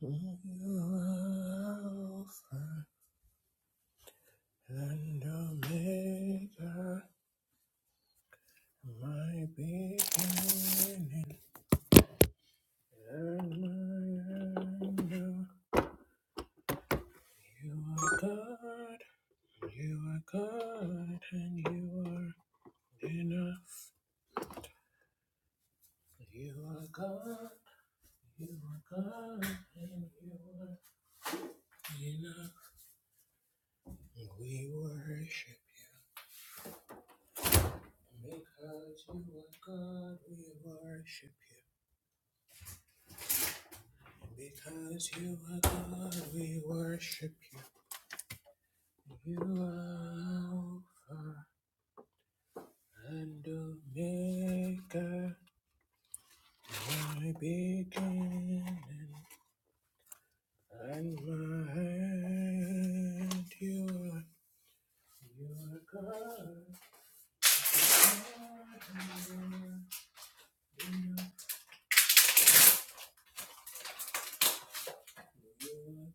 Alpha and Omega, my beginning and my end. You are God, you are God, and you are enough. You are God, you are God, and you are enough. We worship you because you are God, we worship you. Because you are God, we worship you. You are Alpha and Omega, my beginning and my end. You are, you are God. You are God and you are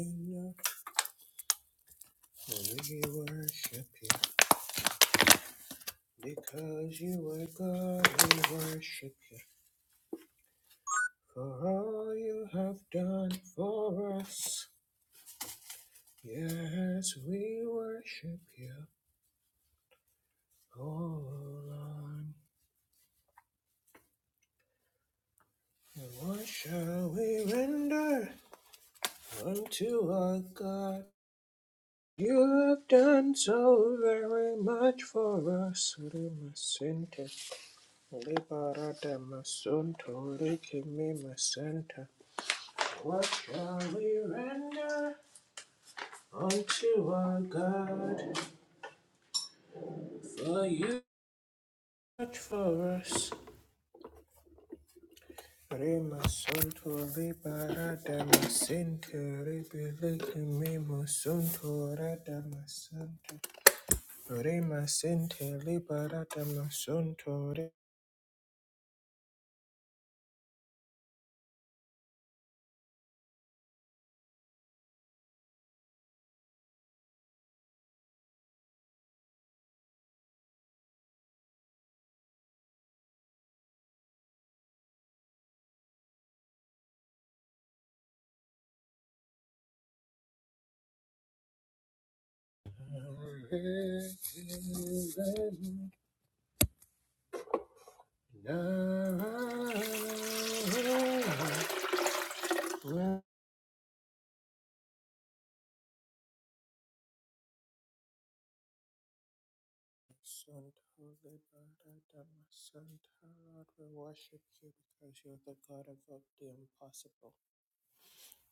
enough. We worship you because you are God. We worship you. For all you have done for us, yes, we worship you, O Lord. And what shall we render unto our God? You have done so very much for us, Limasente. Liberata masunto, likimi masenta. What shall we render unto our God? For you much for us. Prima sunto liberata ma sentire belike mimo sunto rata ma santo. Prima sente liberata ma sunto re. Santo liberata ma santo. Lord, we worship you because you're the God of the impossible.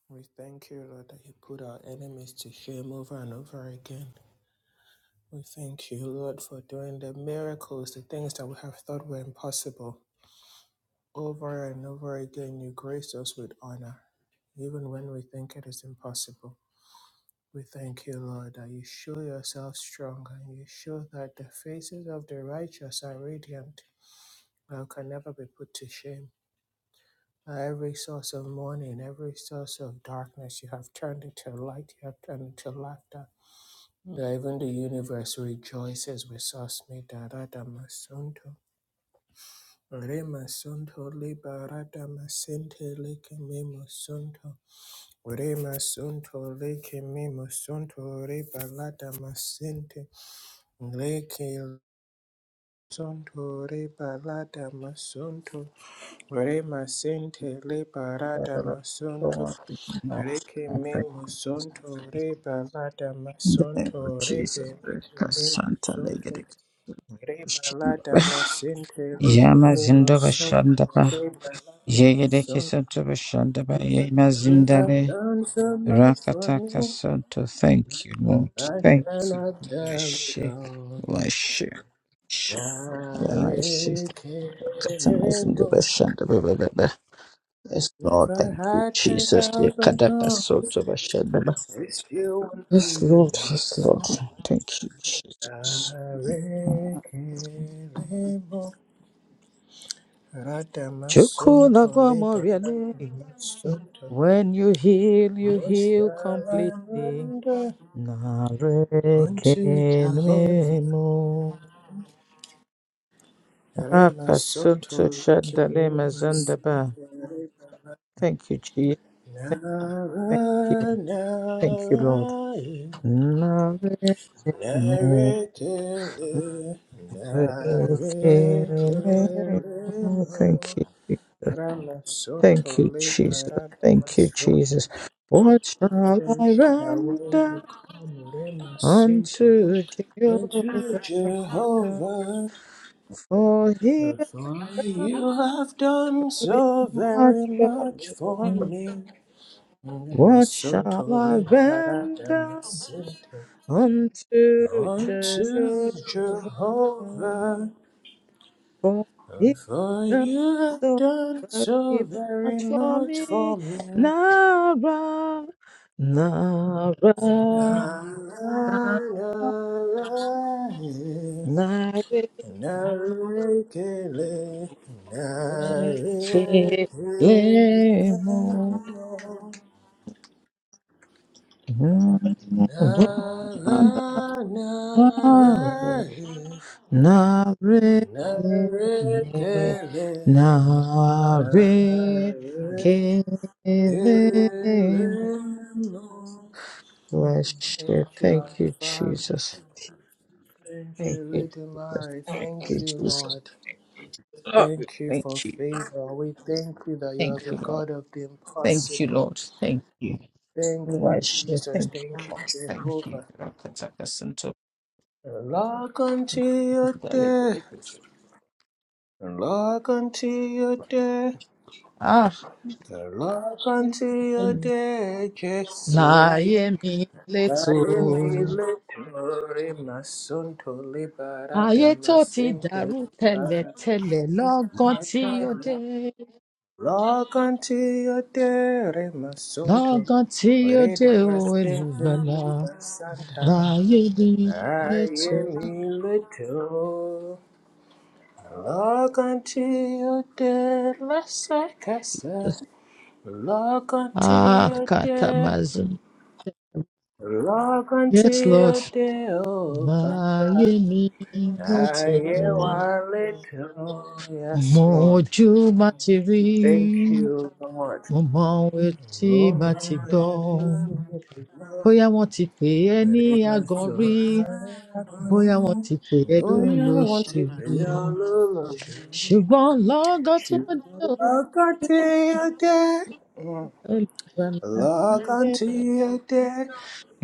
We thank you, Lord, that you put our enemies to shame over and over again. We thank you, Lord, for doing the miracles, the things that we have thought were impossible. Over and over again, you grace us with honor, even when we think it is impossible. We thank you, Lord, that you show yourself strong and you show that the faces of the righteous are radiant and can never be put to shame. That Every source of mourning, every source of darkness, you have turned into light, you have turned into laughter. that Even the universe rejoices with us. Me darada masunto. Re masunto li barada masente li kemi masunto. Re masunto Leke kemi masunto re balada masente. Re ke masunto re balada masunto. Re masente li In barada masunto. Re kemi masunto re balada the name of masunto re Jesus, be li kemi Santa Legate Rebalada Shandaba. masente Yama lekene Zindaba masonto. Shandaba, Rebalada Yegedeke masonto. Santaba Shandaba, Yama You have Zindale, done so much for Rakataka me. Santo. Thank you, Lord. I Thank cannot you, tell it Washi, all. Washi, Washi. Yama Washi, Rakatama Zindaba Yarekelemo. Shandaba, blah, blah, blah. Yes, If Lord, I thank you, had Jesus. 10,000 Yakadaka tongues, Santo it still wouldn't Yes, be Lord. enough. Yes, Lord. Thank you, Jesus. Yarekelemo. Rada Chukuna masonto lebalada Gomoriale. masonto. When you heal, you What shall heal I completely. render unto Jehovah? Narekenemo. Rema sunto Akasunto Shandale rema Mazandaba. rema Thank you, Jesus. Thank, thank you. nara Thank you, Lord. nara Narekenemo. nara kele nara kele Thank mo you. rama sunto Thank you, leba Jesus. rama Thank you, sunto. Jesus. What shall I Thank you that when you render come rema sunto unto unto Jehovah? Jehovah. For he is For you have done so my very much for trouble. me. And My What son shall I totally but I am render unto unto Jehovah? Jehovah. For he For does you have so done so very much very for much me. for me. Nara, Nara, Nara. Light it, Narikele, Lemo, narikele, Wonderful, Nada, nada, Narene, narekele, Nare, narekele, Kelemo. Lord. Thank Worship. you, our Thank you, Father. Jesus. Thank you, Thank you, Little Jesus. Mary. Thank Thank you, you, Jesus. Lord. Lord, Thank you for Thank you. favor. We thank you that you are Thank the you, Lord. God of the Thank you, impossible. Lord. Thank you. Thank you, Worship. Jesus. Thank you. Thank you, Thank Jehovah. you. Lock unto your day. And lock unto your day, Ah, and lock unto your day, Jesus. láyé mi I am létò. Daimi letori masunto libara Ayé tó ti damasinte dàrú libara tẹ́lẹ̀tẹ́lẹ̀ lọ́gán tí ó dé. matara. Lock unto your day, masunto. Lọ́gán tí ó Reda dé o masinte èlùgbàlà. libara santa. Láyé mi létò. am letori. Lock unto your day, la Lock unto Ah, your day, katamazin. lock unto Yes, Lord. your day, oh Láyé Papa. mi I létò. am one little, Mo yes, mọ ohun Lord. ojú má ti rí. Thank you, Lord. Mo mọ ohun etí Oh, má ti Lord, gbọ́. bóyá wọn ti pè é ní agan rí bóyá wọn ti pè é Oh, you want lólóṣì to rí be all alone. ṣùgbọn lọgán tó Should dé ojú lock unto your day, olùgbàlà lock dé unto your day.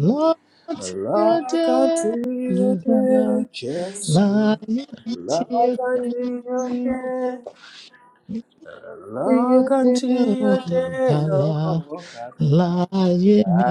lọgán tí ó dé Rock unto your olùgbàlà day, Jesus. láyé tí ó Rock dé unto your day. tí ó Rock dé unto your day, olùgbàlà oh Baba. láyé mi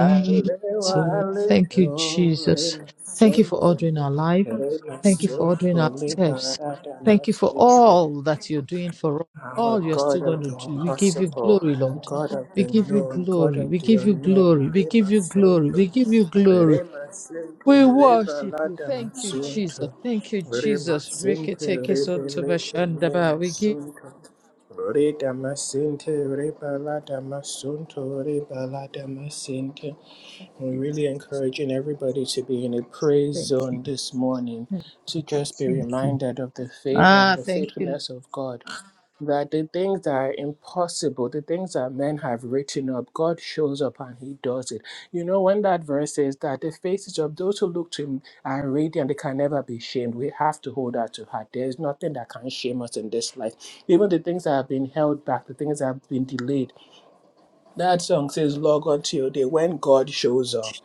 too thank you hallelujah, jesus Rema thank you son, for ordering our life. Rema Thank you for son, ordering our holy steps. Barada, Thank you for merciful. all that you're doing for us, Our all you're still God going of to the do. We give you impossible, glory, Lord. God of We the give you known, God glory. of We the give you unknown, glory. We give Rema you Son, glory. We give you glory. Rema sente We reba worship you. lada Thank you, Jesus. masunto. Thank you, Rema Jesus. sente rebe leke ne Riketekesotobashandaba. We give masunto. Reda masente reba lada masunto reba lada masente. We're you. really Jesus. encouraging everybody to be in a praise Thank you. zone this morning to just be Thank you. reminded of the favor and Ah, the thank you. faithfulness of God that the things that are impossible, the things that men have written up, God shows up and He does it. You know, when that verse says that the faces of those who look to Him are radiant, they can never be shamed. We have to hold that to heart. There is nothing that can shame us in this life. Even the things that have been held back, the things that have been delayed. That song says, Log on to your day when God shows up.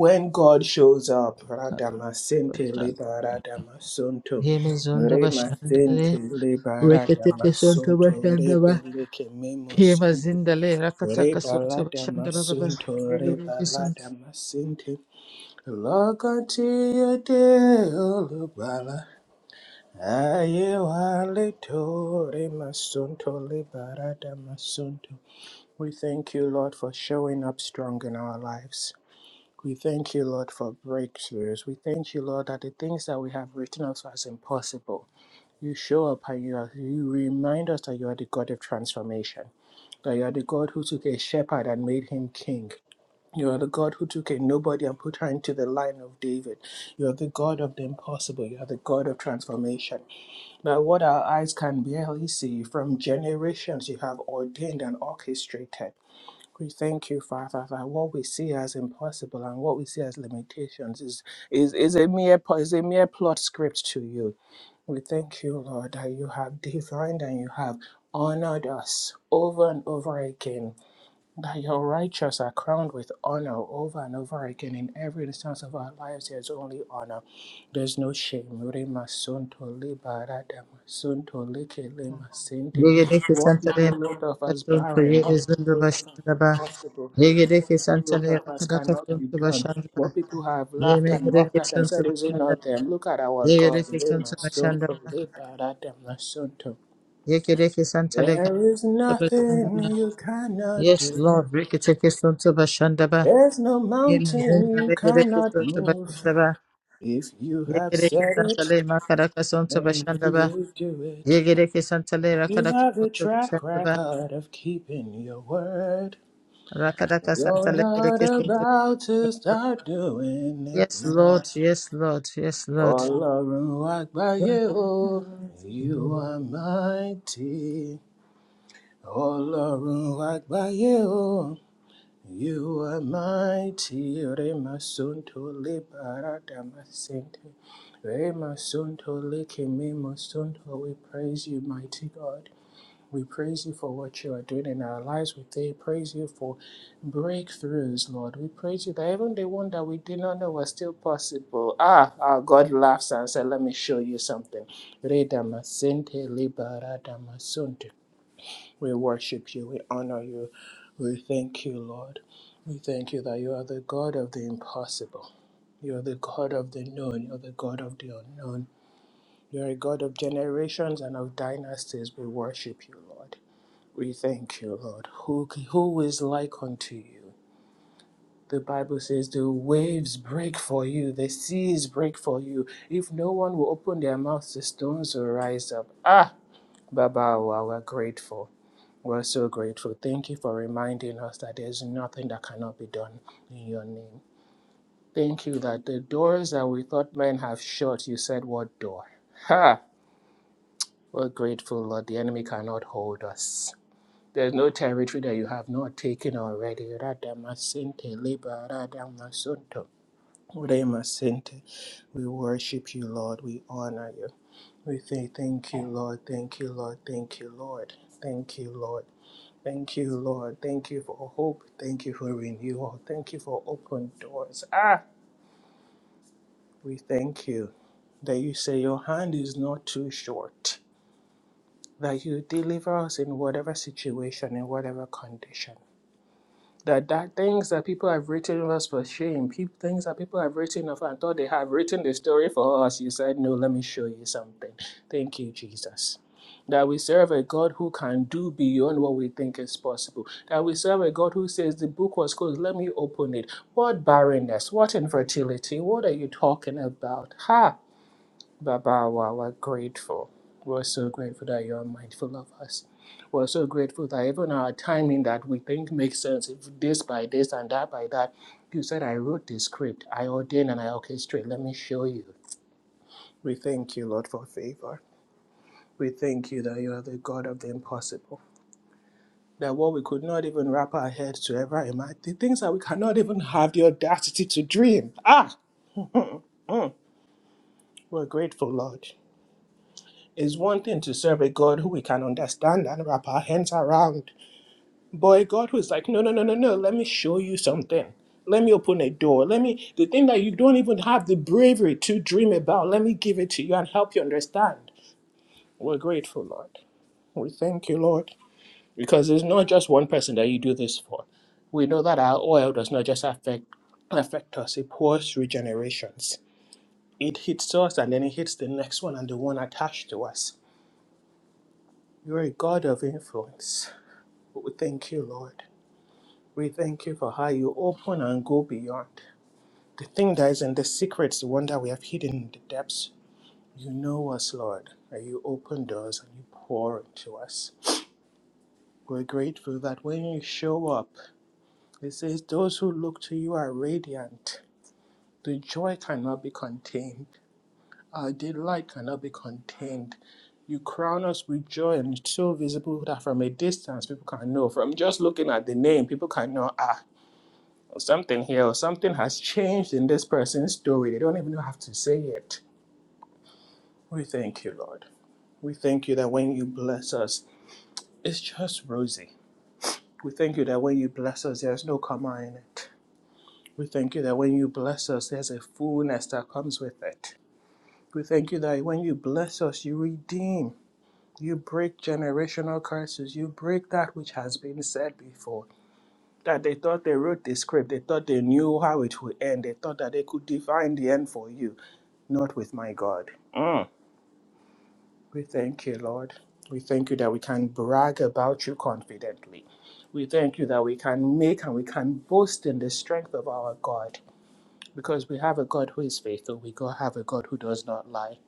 When God shows up, Radamasente Libaradamasonto, Yemezondo bashandale. Remasente Libaradamasonto, Reketekesotobashandaba. Rebeleke Kema Memosonto, zindale rakataka soto bashanda baba Rebaladamasonto, yegede Rebaladamasente, Locatia Deolubala, Ayewaleto, Remasonto, Libaradamasonto. We thank you, Lord, for showing up strong in our lives. We thank you, Lord, for breakthroughs. We thank you, Lord, that the things that we have written us as impossible, you show up and you, are, you remind us that you are the God of transformation, that you are the God who took a shepherd and made him king. You are the God who took a nobody and put her into the line of David. You are the God of the impossible. You are the God of transformation. That what our eyes can barely see, from generations you have ordained and orchestrated. We thank you, Father, that what we see as impossible and what we see as limitations is is, is a mere pl- is a mere plot script to you. We thank you, Lord, that you have divined and you have honored us over and over again that your righteous are crowned with honor over and over again in every instance of our lives. There's only honor. There's no shame. ke What people santale wrote of as soto barren, yegede what people zunda wrote of as bashanda ba impossible, yegede what people wrote santale of as rakataka cannot be soto done, bashanda ba what people have laughed and yegede mocked at and soto said, Is it bashanda not them? Look at our yegede God. soto bashanda ba yegede santale There is soto bashanda nothing ba you cannot yes do. lord rekete ke soto bashanda ba There's no yema mountain zindale you yegede cannot soto move. bashanda ba If you have yegede said it, santale makaraka soto then bashanda you ba will do it. Yegereke Santale You Rakadaka have a track Shantaraba, record of keeping your word. Rakadaka You're Santale not Gereke about to Shantaraba. start doing it Yes, now. Lord, yes, Lord, yes, Lord. Olorun Agbaye, you are mighty. Olorun Agbaye, You are mighty, Remasunto Liberadamasente, Remasunto Likimimasunto. We praise you, mighty God. We praise you for what you are doing in our lives. We praise you for breakthroughs, Lord. We praise you that even the one that we did not know was still possible. Ah, our God laughs and said, Let me show you something. Redamasente Liberadamasunto. We worship you. We honor you. We thank you, Lord. We thank you that you are the God of the impossible. You are the God of the known. You are the God of the unknown. You are a God of generations and of dynasties. We worship you, Lord. We thank you, Lord. Who, who is like unto you? The Bible says the waves break for you, the seas break for you. If no one will open their mouths, the stones will rise up. Ah, Baba, wow, we're grateful. We're so grateful. Thank you for reminding us that there's nothing that cannot be done in your name. Thank you that the doors that we thought men have shut, you said, What door? Ha! We're grateful, Lord. The enemy cannot hold us. There's no territory that you have not taken already. Radamasinte, libaradamasonto, remasinte. We worship you, Lord. We honor you. We say thank you, Lord. Thank you, Lord. Thank you, Lord. Thank you, Lord. Thank you, Lord. Thank you for hope. Thank you for renewal. Thank you for open doors. Ah, we thank you that you say your hand is not too short, that you deliver us in whatever situation, in whatever condition. That that things that people have written of us for shame, people, things that people have written of us and thought they have written the story for us, you said, No, let me show you something. Thank you, Jesus. That we serve a God who can do beyond what we think is possible. That we serve a God who says, The book was closed, let me open it. What barrenness, what infertility, what are you talking about? Ha! Baba, wow, we're grateful. We're so grateful that you're mindful of us. We're so grateful that even our timing that we think makes sense, if this by this and that by that, you said, I wrote this script, I ordain and I orchestrate. Let me show you. We thank you, Lord, for favor. We thank you that you are the God of the impossible. That what we could not even wrap our heads to ever imagine, the things that we cannot even have the audacity to dream. Ah, Mm. We're grateful, Lord. It's one thing to serve a God who we can understand and wrap our hands around, but a God who's like, no, no, no, no, no, let me show you something. Let me open a door. Let me, the thing that you don't even have the bravery to dream about, let me give it to you and help you understand. We're grateful, Lord. We thank you, Lord, because it's not just one person that you do this for. We know that our oil does not just affect affect us, it pours through generations. It hits us and then it hits the next one and the one attached to us. You're a God of influence. We thank you, Lord. We thank you for how you open and go beyond. The thing that is in the secrets, the one that we have hidden in the depths, you know us, Lord, and you open doors and you pour into us. We're grateful that when you show up, it says, Those who look to you are radiant. The joy cannot be contained. Our delight cannot be contained. You crown us with joy, and it's so visible that from a distance people can know. From just looking at the name, people can know. Ah, Something here, or something has changed in this person's story. They don't even have to say it. We thank you, Lord. We thank you that when you bless us, it's just rosy. We thank you that when you bless us, there's no comma in it. We thank you that when you bless us, there's a fullness that comes with it. We thank you that when you bless us, you redeem. You break generational curses. You break that which has been said before. That they thought they wrote the script. They thought they knew how it would end. They thought that they could define the end for you. not with my God. Mm. We thank you, Lord. We thank you that we can brag about you confidently. We thank you that we can make and we can boast in the strength of our God because we have a God who is faithful. We go have a God who does not lie.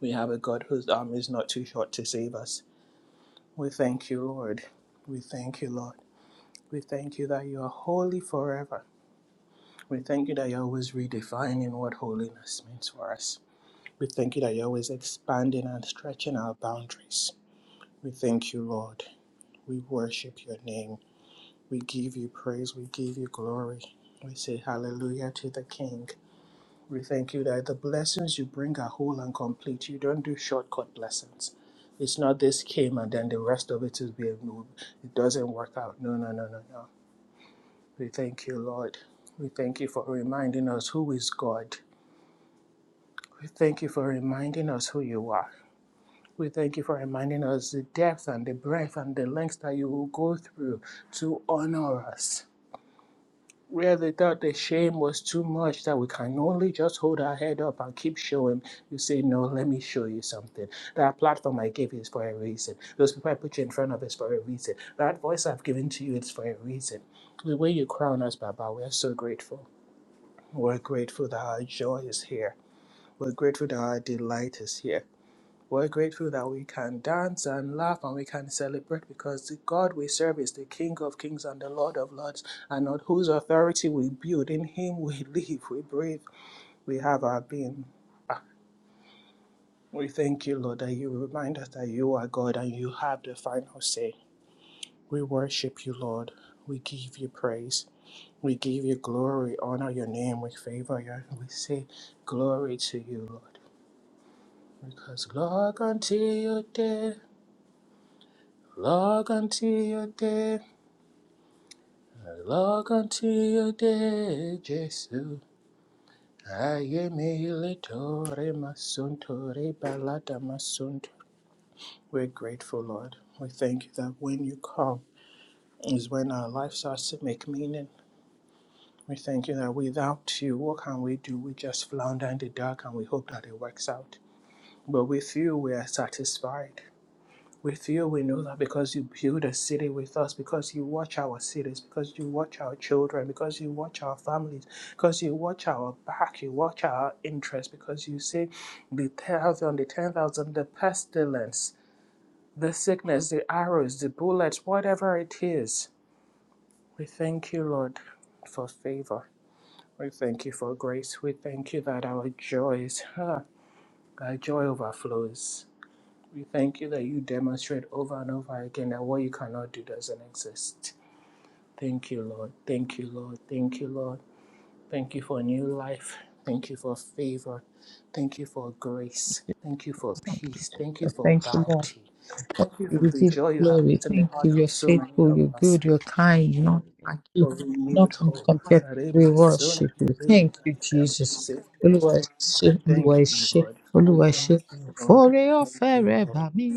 We have a God whose arm is not too short to save us. We thank you, Lord. We thank you, Lord. We thank you that you are holy forever. We thank you that you're always redefining what holiness means for us. We thank you that you're always expanding and stretching our boundaries. We thank you, Lord. We worship your name. We give you praise. We give you glory. We say hallelujah to the King. We thank you that the blessings you bring are whole and complete. You don't do shortcut blessings. It's not this came and then the rest of it is being moved. It doesn't work out. No, no, no, no, no. We thank you, Lord. We thank you for reminding us who is God. We thank you for reminding us who you are. We thank you for reminding us the depth and the breadth and the lengths that you will go through to honor us. Where they thought the shame was too much, that we can only just hold our head up and keep showing, you say, No, let me show you something. That platform I gave you is for a reason. Those people I put you in front of is for a reason. That voice I've given to you is for a reason. The way you crown us, Baba, we are so grateful. We're grateful that our joy is here. We're grateful that our delight is here. We're grateful that we can dance and laugh and we can celebrate because the God we serve is the King of kings and the Lord of lords, and on whose authority we build. In Him we live, we breathe, we have our being. Ah, We thank you, Lord, that you remind us that you are God and you have the final say. We worship you, Lord. We give you praise. We give you glory, honor your name, we favor you. We say glory to you, Lord. Because Lord, until you Log unto your day, log unto your day, Jesus. Ayemi litore masuntore balada masunt. We're grateful, Lord. We thank you that when you come is when our life starts to make meaning. We thank you that without you, what can we do? We just flounder in the dark and we hope that it works out. But with you, we are satisfied. With you, we know that because you build a city with us, because you watch our cities, because you watch our children, because you watch our families, because you watch our back, you watch our interests, because you see the healthy on the 10,000, the pestilence, the sickness, the arrows, the bullets, whatever it is. We thank you, Lord, for favor. We thank you for grace. We thank you that our joys, ah, our joy overflows. We thank you that you demonstrate over and over again that what you cannot do doesn't exist. Thank you, Lord. Thank you, Lord. Thank you, Lord. Thank you for new life. Thank you for favor. Thank you for grace. Thank you for peace. Thank you for Thank you, Lord. bounty. Thank you You for will the give you joy you have glory. put in the Thank hearts you. of You're so many faithful, of you're us good, you're kind, not like you. for renewed Not can be hope. compared to you. Rema We sonto, worship you. rema Thank you, dama Jesus. sete. Olúwa ẹ ṣé, We Olúwa thank ẹ you, ṣé, Lord. We Olúwa ẹ thank ṣé. you, Lord. F'oore ọ̀fẹ́ Thank you, rẹ̀ Lord. bà mí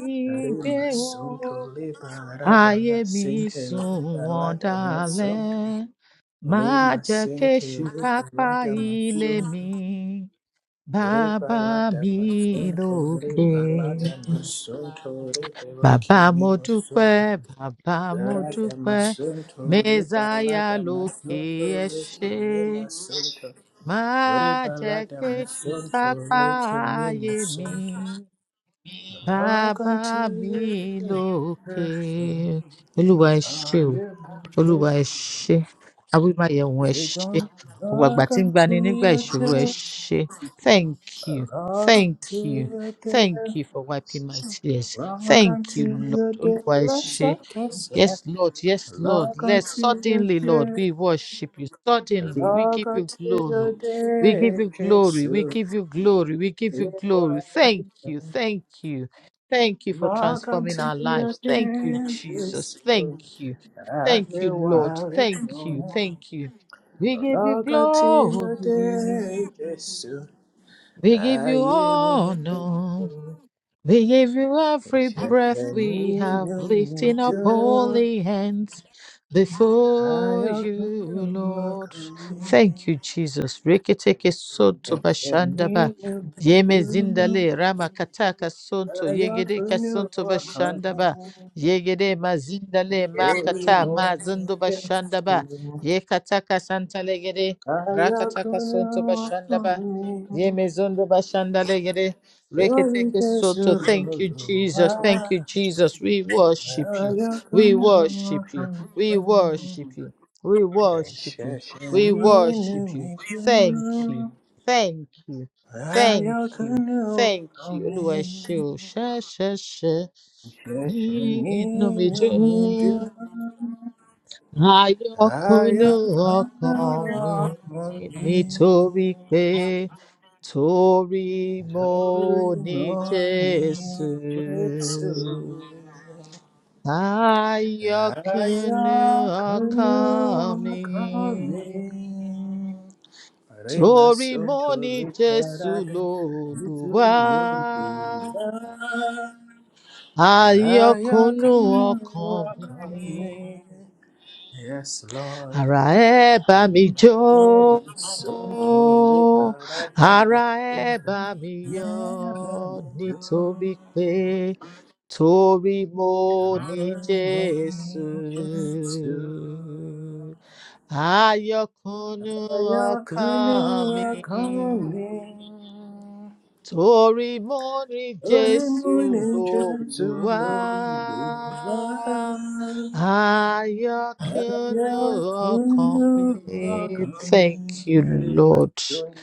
gbé Rima o. sunto liba rada ayé mi masente sùn liba wọ́n rada masunto dalẹ̀ má lima jẹ́ sente kéṣù liba kápá rada ilé mi masunto riba bàbá rada mi masunto lókè. riba rada masunto riba leke bàbá mo mimo dúpẹ́ sunto bàbá mo rada dúpẹ́ masunto riba mẹ́sáyà rada lókè masunto ẹ leke ṣé mimo sunto má riba jẹ́ rada kéṣù masunto kápá leke mimo ayé mi sunto log bàbá unto mi your lókè perfect olúwa ẹ ṣé Are o. you married? olúwa ẹ ṣé awímáyẹhùn ẹ You're ṣé gonna ògbàgbà rock tí ń gbani until nígbà your ìṣòro ẹ death. ṣé thank you Rock thank until you your thank death. you for wiping my tears Rock thank you until lord your death. olúwa ẹ Let's ṣé not kiss it. Yes, Lord. Yes, Lord. Rock Let until your suddenly, Lord, death. we worship you. Suddenly, we Rock give you until your glory. We give death. you glory. We Jesus. give you glory. We give you You glory. are the Thank you. one. Thank you. Thank you for Rock transforming until our your lives. Thank you, death. Jesus. Jesus. Thank you. Thank Every you, Lord. while it's Thank you. on. Thank you. We give you Rock until your glory. death. Jesus. We give you I am in honor. We give you every breath ìṣẹ̀fẹ̀ ní we have, yóò mi lifting up dúró, holy hands before ayọ̀ kan you, yóò máa Lord. kàn mí. Thank you, Jesus. Reketeke soto Ẹ̀ṣẹ̀ mi bashandaba. ló mi Yeme dúró, zindale rama kataka sonto ayọ̀ yegede kan yóò kasonto máa kàn mí. bashandaba. Yegede mazindale Lórí makata mo ní mazondo Jésù, bashandaba. Yekataka santalegede ayọ̀ rakataka kan yóò sonto máa kàn bashandaba. mí. Yeme zondo bashandalegede. Lórí Reketeke Jésù soto. Thank you, Olúwa, Jesus. Thank you, Jesus. We worship you. ayọ̀ kan We yóò worship máa you. mi We worship you. We worship you. We worship you. Thank you. Ayakunu Thank you. Thank you. Thank you. Olúwa ẹ ṣé o. ṣẹ́ṣẹ́ṣẹ́ nínú mi dùn. Ayọ̀kúnú ọkàn mi nítorí pé Tori moni Jesu, ayakunu akami. Rema Tori sonto moni Jesu liberada lola, itululua ayakunu ayakamwakame. akami. Yes, Lord. Ara ẹ bá mi jó. Rema sonto liberada Ara ẹ bá mi yọ never do. nítorí pé torí mo ní Jésù. Ayọ̀kúnú ọkàn mi Ayakamwakame. torí mo rí Early jésù morning trip to lólùwà London, I ayọ̀kúnú am ọkàn mi coming rock thank on you me, my lord son.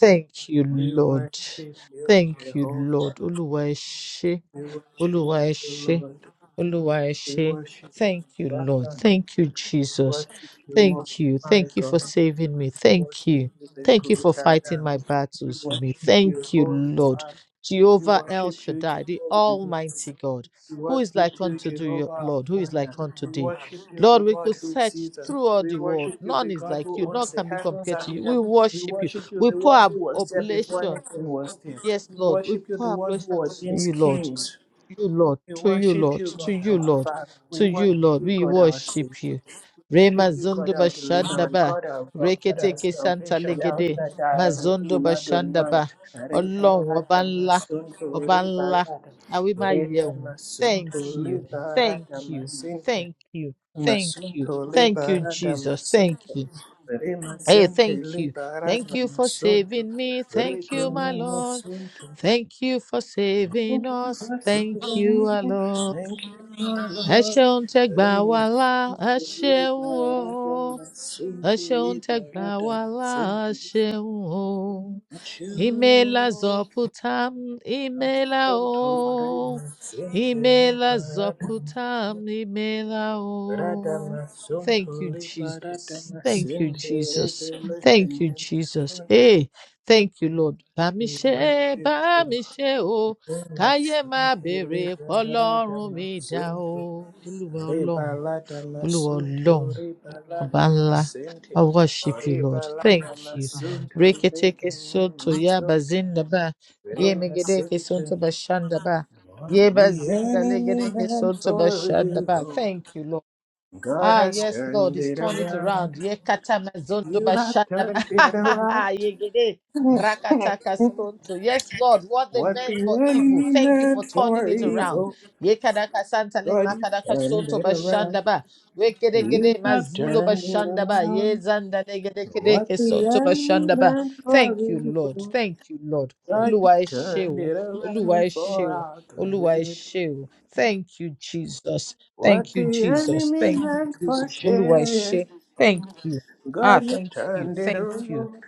thank you We worship lord you, thank you Jehovah. lord olúwa ẹ ṣé We worship you, olúwa ẹ ṣé Lord. Olúwa ẹ We ṣé. worship Thank you, you, Lord. Father. Thank you, We Jesus. worship you, Most Thank you. High Thank you for God. saving me. We worship Thank you. you, the Thank you for great I fighting am. my We battles for me. worship you, Thank you, Holy Lord. Father. We Jehovah El worship you, Shaddai, the Jehovah. Almighty God, We who is worship like you, unto thee, Jehovah our Lord, who is like Father. unto We thee. worship you, the Lord, we God could who search sees us. through all We the world. worship you, the None is God like who you. None owns the can be heavens compared and to you. the We earth. We worship you. worship you, We the pour one our who was there before oblation. anything was there. Yes, We Lord. We worship you, pour the our one who oblation to ordains you, Lord kings. you, Lord, We to you, worship Lord, you, to God you, our Lord, Father. We to you, worship Lord, you, we God our worship Savior. you. We Rema worship you, God zondo our Deliverer, bashandaba, God our God, rekete our ke santa Salvation, El legede, Shaddai, mazondo Elohim, Adonai. bashandaba, Ọlọ́run ọba Rebalata ńlá, masunto, ọba ńlá, rebalata, àwí máa yẹ reda òun. masunto, Thank you, thank rebalata you, masinte, thank you, thank you, masunto, thank you, rebalata Jesus, thank masinte, you. Hey, remasente, thank you. Thank rebalata you for masunto, saving me. Thank you, my rekene Lord. masunto. Thank you for saving Thank you us. for Thank saving you, me. our Lord Thank you, my ẹ Lord. ṣeun tẹ gbà wá Remove là ẹ every ṣeun burden and o my sin ẹ to ṣeun tẹ gbà liberate wá and là sin ẹ to ṣeun o At ìmẹ́lá you. zọpútàm ìmẹ́lá Son to o rima sin to ìmẹ́lá liberate zọpútàm ìmẹ́lá Rada o. ma son Thank to you, Jesus. liberate ma Thank you, sin to Jesus. liberate and Thank you, you, Jesus. son. Hey, thank you, Lord. Bá mi We worship you. o káyé má béèrè pọlọ́run mi dá o olúwa ọlọ́run olúwa ọlọ́run ọba ńlá i worship you lord thank you reketeke soto ya bazinda ba. Ye megedeke soto bashanda ba What ye the bashandaba enemy legedeke meant soto for bashanda ba. evil, thank you lord God Ah, has yes, Lord, turned He's it turned it around. around. Yekata mazondo You have bashadaba. turned it around. Yegede rakataka stonto. Yes, Lord, what they what the meant for evil, enemy thank you for meant turning for it around. evil, Yekadaka santale God, you makadaka turned sonto it around. bashandaba. You Wekedegede have mazindo turned it bashandaba. around. Yezandadegede What kedeke the sonto enemy bashandaba. meant for Thank you, Lord. evil, Thank you, Lord. God you Oluwa turned esheo. it Oluwa around for esheo. our Oluwa good. esheo. Thank you, Jesus. Thank What you, the Jesus. enemy Thank you, meant for Jesus. Olúwa ẹ ṣé. shame, Thank you. Ah, God you thank you. turned it Thank you. around.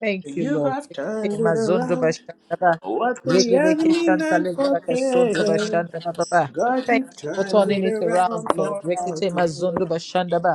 Thank you, You Lord. have turned Ekete it mazondo around. bashandaba. What the Regereke enemy santa meant for legaraka sonto pain, bashandaba baba. God Thank you you for turned turning it it around around, Lord. for our Rekete good. mazondo bashandaba.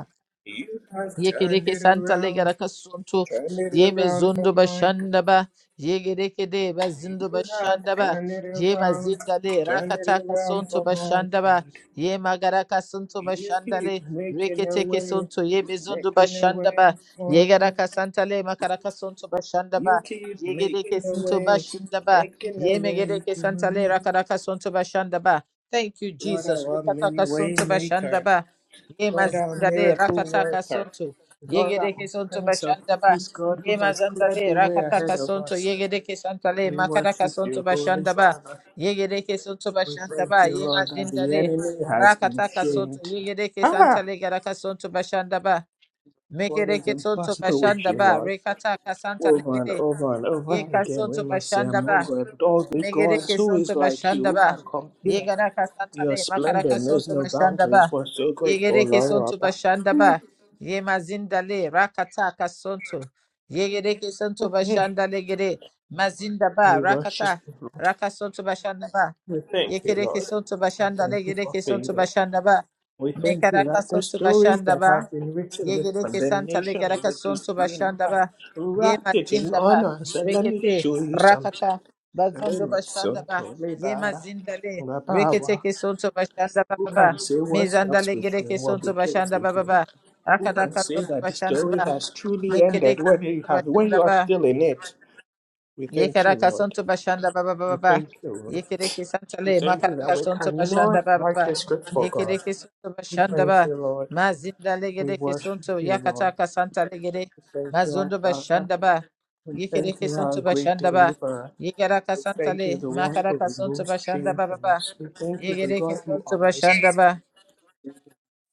You have turned Yekereke it santa around, legara kasuntu. turned it Yeme around for zundu my good. bashanda ba. Yegereke de bazindu You have bashanda ba. turned it Yema around, zinda le turned rakata it around kasuntu for my bashanda ba. good. Yema gara kasuntu You bashanda keep le. making a Rekete way, kesuntu yebe zundu making a bashanda way ba. for Yegara me. kasanta le makara kasuntu bashanda You ba. keep Yegereke making a suntu way, bashanda ba. making a Yeme way gereke for santa le me. rakara kasuntu bashanda ba. Thank you, God, Jesus. our Rekata mini way kasuntu bashanda maker, ba. Ye God, our mazindale miracle rakataka worker, sonto. God, Yegedeke our sonto Prince of bashandaba. Peace, God, who Ye has cleared mazandale the way ahead rakataka of sonto. us. Yegedeke santale We makadaka worship sonto you, Holy bashandaba. Father. Yegedeke sonto We thank bashandaba. you, Ye Lord, that the mazindale enemy has been rakataka sonto. shamed. Yegedeke Ah, santale garaka sonto bashandaba. what is Mekedeke sonto impossible with you, bashandaba. Lord? Rekataka santale Over and gede. over and over Ye again, we kasonto must say, bashandaba. among God, all the Megere gods, ke who is sonto like you? bashanda Who ba. can compare? Yegara Your kasantale makara splendor knows kasonto no bashanda boundaries. ba. We're so grateful, Yegere ke Lord, sonto Abba. bashanda ba. Ye mazindale rakata kasonto. Yegere ke sonto bashanda legere mazinda We ba worship rakata you, Lord. rakasonto bashanda ba. We thank you, Yekere ke Lord. sonto We bashanda thank you legere for ke sonto favor. bashanda ba. We thank you Mekara that the kasonto stories bashanda that ba. have been written with Yegereke Santa condemnation and Legaraka with Sonto disdain have Bashandaba, ye wrapped it in mazindaba honor and said, Let me Rekete, show you something. Rakata, Bazondo Rema Bashandaba, Sonto Yema Lebara Zindale, Rabawa. Reketeke Sonto Bashandaba, Who can Baba, say what Mezanda stops with you and Legereke what Sonto begins with Bashandaba, you? Baba, Who can Akadaka say Sonto that the story Bashandaba, has truly ended Mekereke when you Sonto have when you are Bashandaba, still in it? We thank you, Yekaraka Lord. sonto bashanda baba We baba ba. thank you, Lord. Yekereke We santale thank you that makaraka we sonto bashanda cannot baba write the ba. script for God. Yekereke sonto We bashanda thank ba. you, Lord. Mazinda We legedeke worship sonto you, Lord. yakataka santa legede. Thank you, our Mazondo Father. bashanda ba. We thank Yekereke you, our sonto great bashanda ba. deliverer. Yekaraka We thank you, santale the one who makaraka sonto removes bashanda shame baba from ba. us. We thank you, the God Yekereke who sonto honors bashanda us. ba.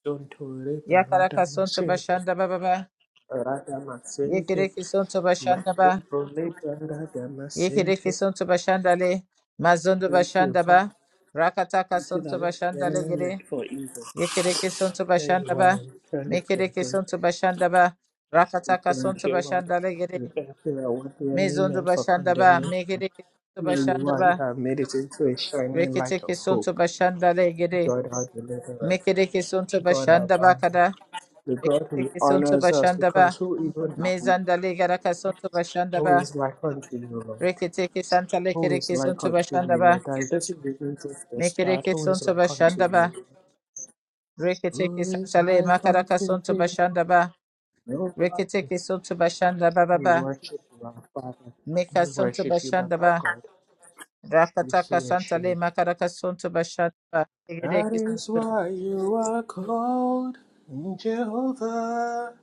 Don't tolerate Yakaraka sonto Radhamasente. bashanda baba ba. Radhamasente. Yekereke sonto bashanda ba. Radhamasente. Yekereke sonto bashandale, mazondo Thank you, God. bashandaba, rakataka Thank you that sonto what the bashandale enemy meant gere, for evil. yekereke sonto Here you are, bashandaba, and you turned it for mekereke good. sonto bashandaba, We rakataka thank sonto you, Lord. bashandale gere, We thank you that what the enemy mezondo meant for bashandaba, condemnation. mekereke sonto Here you are, you bashandaba, have made it into a shining light reketeke of sonto hope. bashandale gere, God, our deliverer, mekereke sonto God, our bashandaba banner, kada, the God who reketeke sonto honors us, because bashandaba, who even are we? mezandale garaka sonto Who bashandaba, is like unto you, Lord? reketeke santale Who is kereke like sonto unto you, bashandaba, Lord? And this is even just the start. Mekereke Who is sonto like unto bashanda you? ba. Lord? Reketeke Who is santale like makaraka unto sonto thee? bashanda ba. Nobody. Reketeke sonto bashanda ba ba We ba. worship you, our Father. We Meka sonto worship you, bashanda Baba ba. God. We Rakataka say, santale makaraka sonto bashanda ba. That Rekereke is sonto. why you are called Jehovah.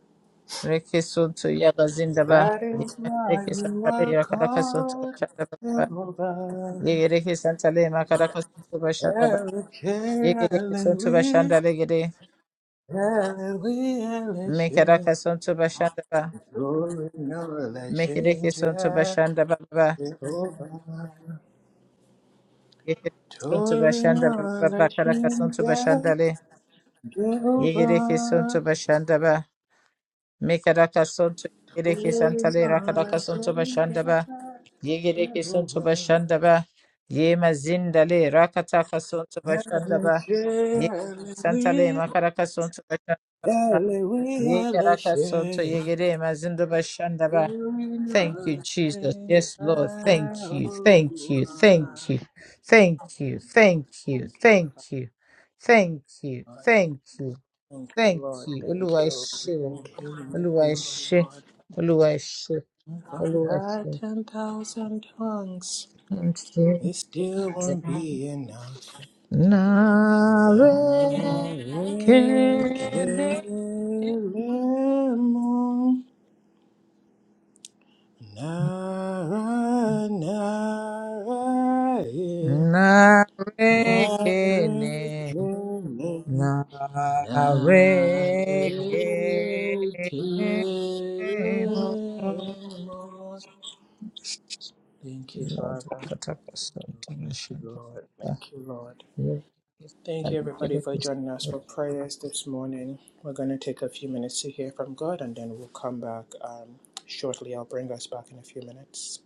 Reke sonto yagazinda ba. That is why Rekereke you are santale makaraka sonto called bashanda ba ba. Jehovah. Rekereke santale makaraka sonto bashanda ba. Elohim, Rekereke sonto Elohim, bashanda legere. Elohim, Elisha. Mekaraka sonto bashanda ba. Glory, no, Elisha, Mekereke sonto bashanda ba ba. ba. Jehovah. Yekerekesun tu Glory, başanda no, baba Elisha, bakarakasun tu Jehovah. başandale. Yekerekesun tu başanda ba. Mekarakasun tu yekerekesan Glory, tale no, rakarakasun Elisha, tu başanda ba. Yekerekesun tu Jehovah. başanda ba. Yema zindale rakatakasun tu başanda ba. Hallelujah, Yekerekesan tale hallelujah, makarakasun tu başanda ba. Yegarakasoto hallelujah. yegerema zindo We bashandaba. Thank you, know Jesus. Thank Yes, Lord. Thank God, you. oh Thank you. Lord. Thank you. Thank you. Thank you. Thank you, Thank you. Thank you. Thank you. Thank Lord. Thank you, Lord. you. Thank Olúwa ẹ you, ṣé o. thank you, Lord. Olúwa ẹ Thank you, ṣé. Lord. Olúwa ẹ ṣé. If I Olúwa ẹ had ṣé. 10,000 tongues, it still won't be enough. Now I Nàárẹ̀ kéde can't. Narayanaraye, Na rekene, Narayana, na Narayana. rekene. mo. Thank you, Lord, Father. Kataka Thank you, Santination. Lord. Thank you, Lord. Thank you, everybody, for joining us for prayers this morning. We're going to take a few minutes to hear from God and then we'll come back um, shortly. I'll bring us back in a few minutes.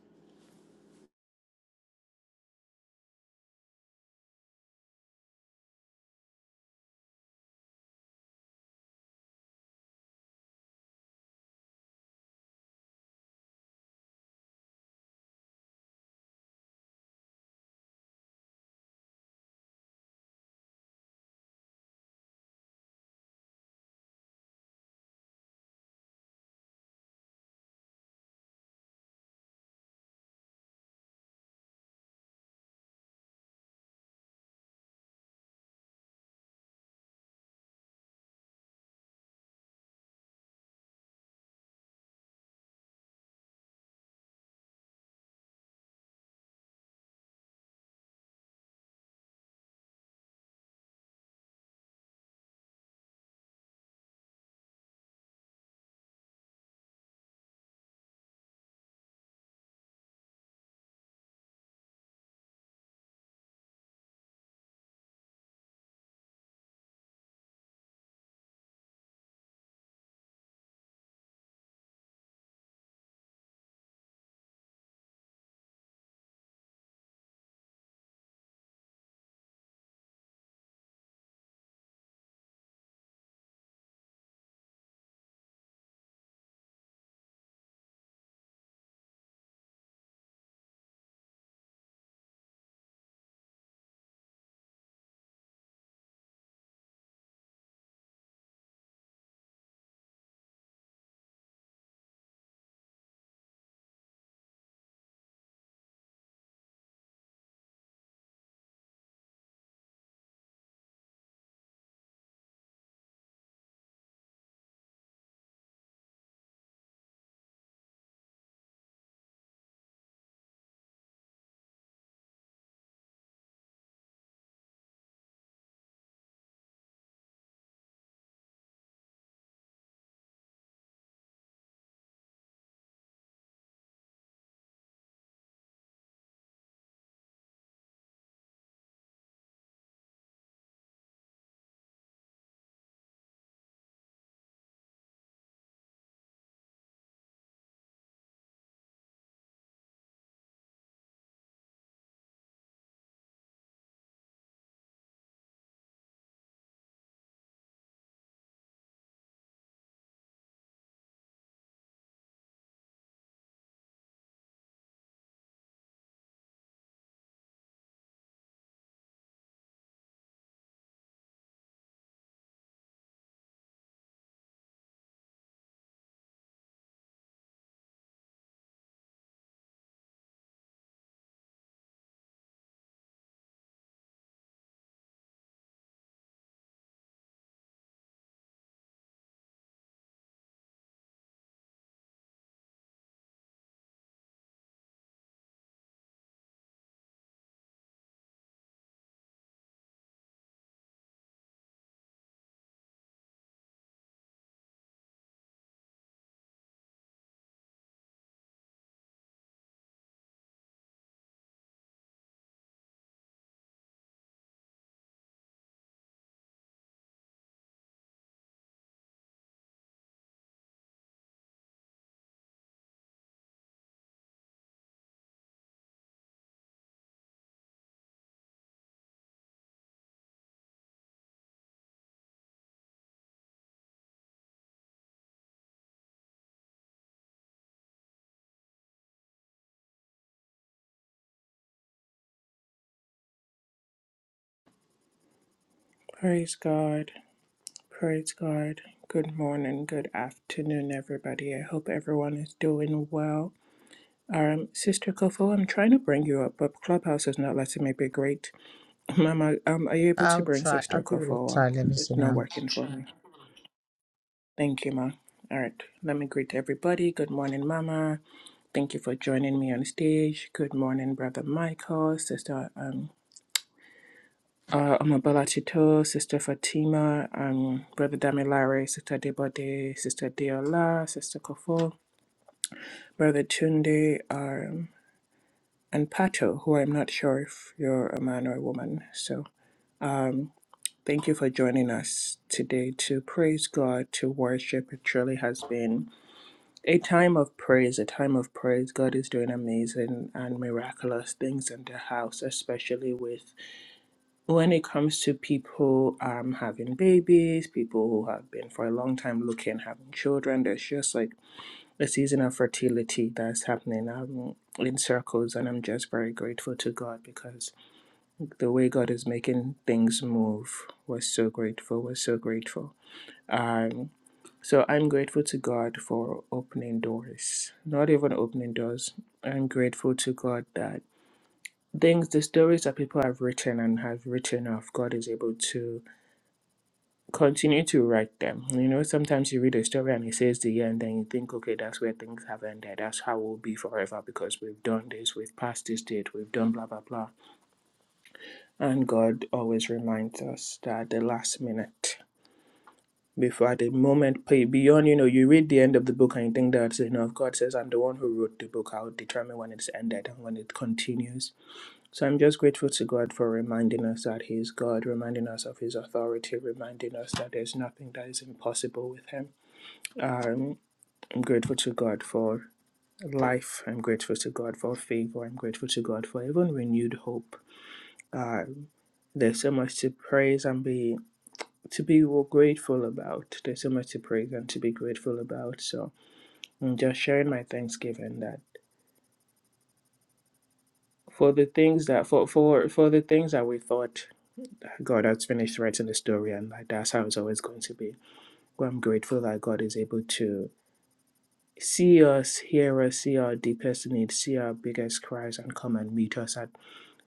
Praise God. Praise God. Good morning, good afternoon, everybody. I hope everyone is doing well. Um, Sister Kofo, I'm trying to bring you up, but Clubhouse is not letting me be great. Mama, um, are you able to I'll bring try. Sister I'll give it a Kofo try. up? Let me see It's not now. working for me. Thank you, Ma. All right, let me greet everybody. Good morning, Mama. Thank you for joining me on stage. Good morning, Brother Michael, Sister. Um, Uh, Oma Balachito, Sister Fatima, um, Brother Damilare, Sister Debode, Sister Deola, Sister Kofo, Brother Tunde, um, and Pato, who I'm not sure if you're a man or a woman. So um, thank you for joining us today to praise God, to worship. It truly has been a time of praise, a time of praise. God is doing amazing and miraculous things in the house, especially with when it comes to people um having babies, people who have been for a long time looking having children, there's just like a season of fertility that's happening um in circles, and I'm just very grateful to God because the way God is making things move, we're so grateful. We're so grateful. Um, so I'm grateful to God for opening doors, not even opening doors. I'm grateful to God that things, the stories that people have written and have written of, God is able to continue to write them. You know, sometimes you read a story and it says the end, and then you think, okay, that's where things have ended. That's how we'll be forever because we've done this, we've passed this date, we've done blah, blah, blah. And God always reminds us that at the last minute, before at the moment, beyond, you know, you read the end of the book and you think that's enough. God says, I'm the one who wrote the book. I'll determine when it's ended and when it continues. So I'm just grateful to God for reminding us that He is God, reminding us of His authority, reminding us that there's nothing that is impossible with Him. I'm, I'm grateful to God for life. I'm grateful to God for favor. I'm grateful to God for even renewed hope. Um, there's so much to praise and be to be grateful about. There's so much to praise and to be grateful about. So I'm just sharing my thanksgiving that for the things that for for for the things that we thought God has finished writing the story and like that's how it's always going to be. Well, I'm grateful that God is able to See us, hear us, see our deepest needs, see our biggest cries, and come and meet us at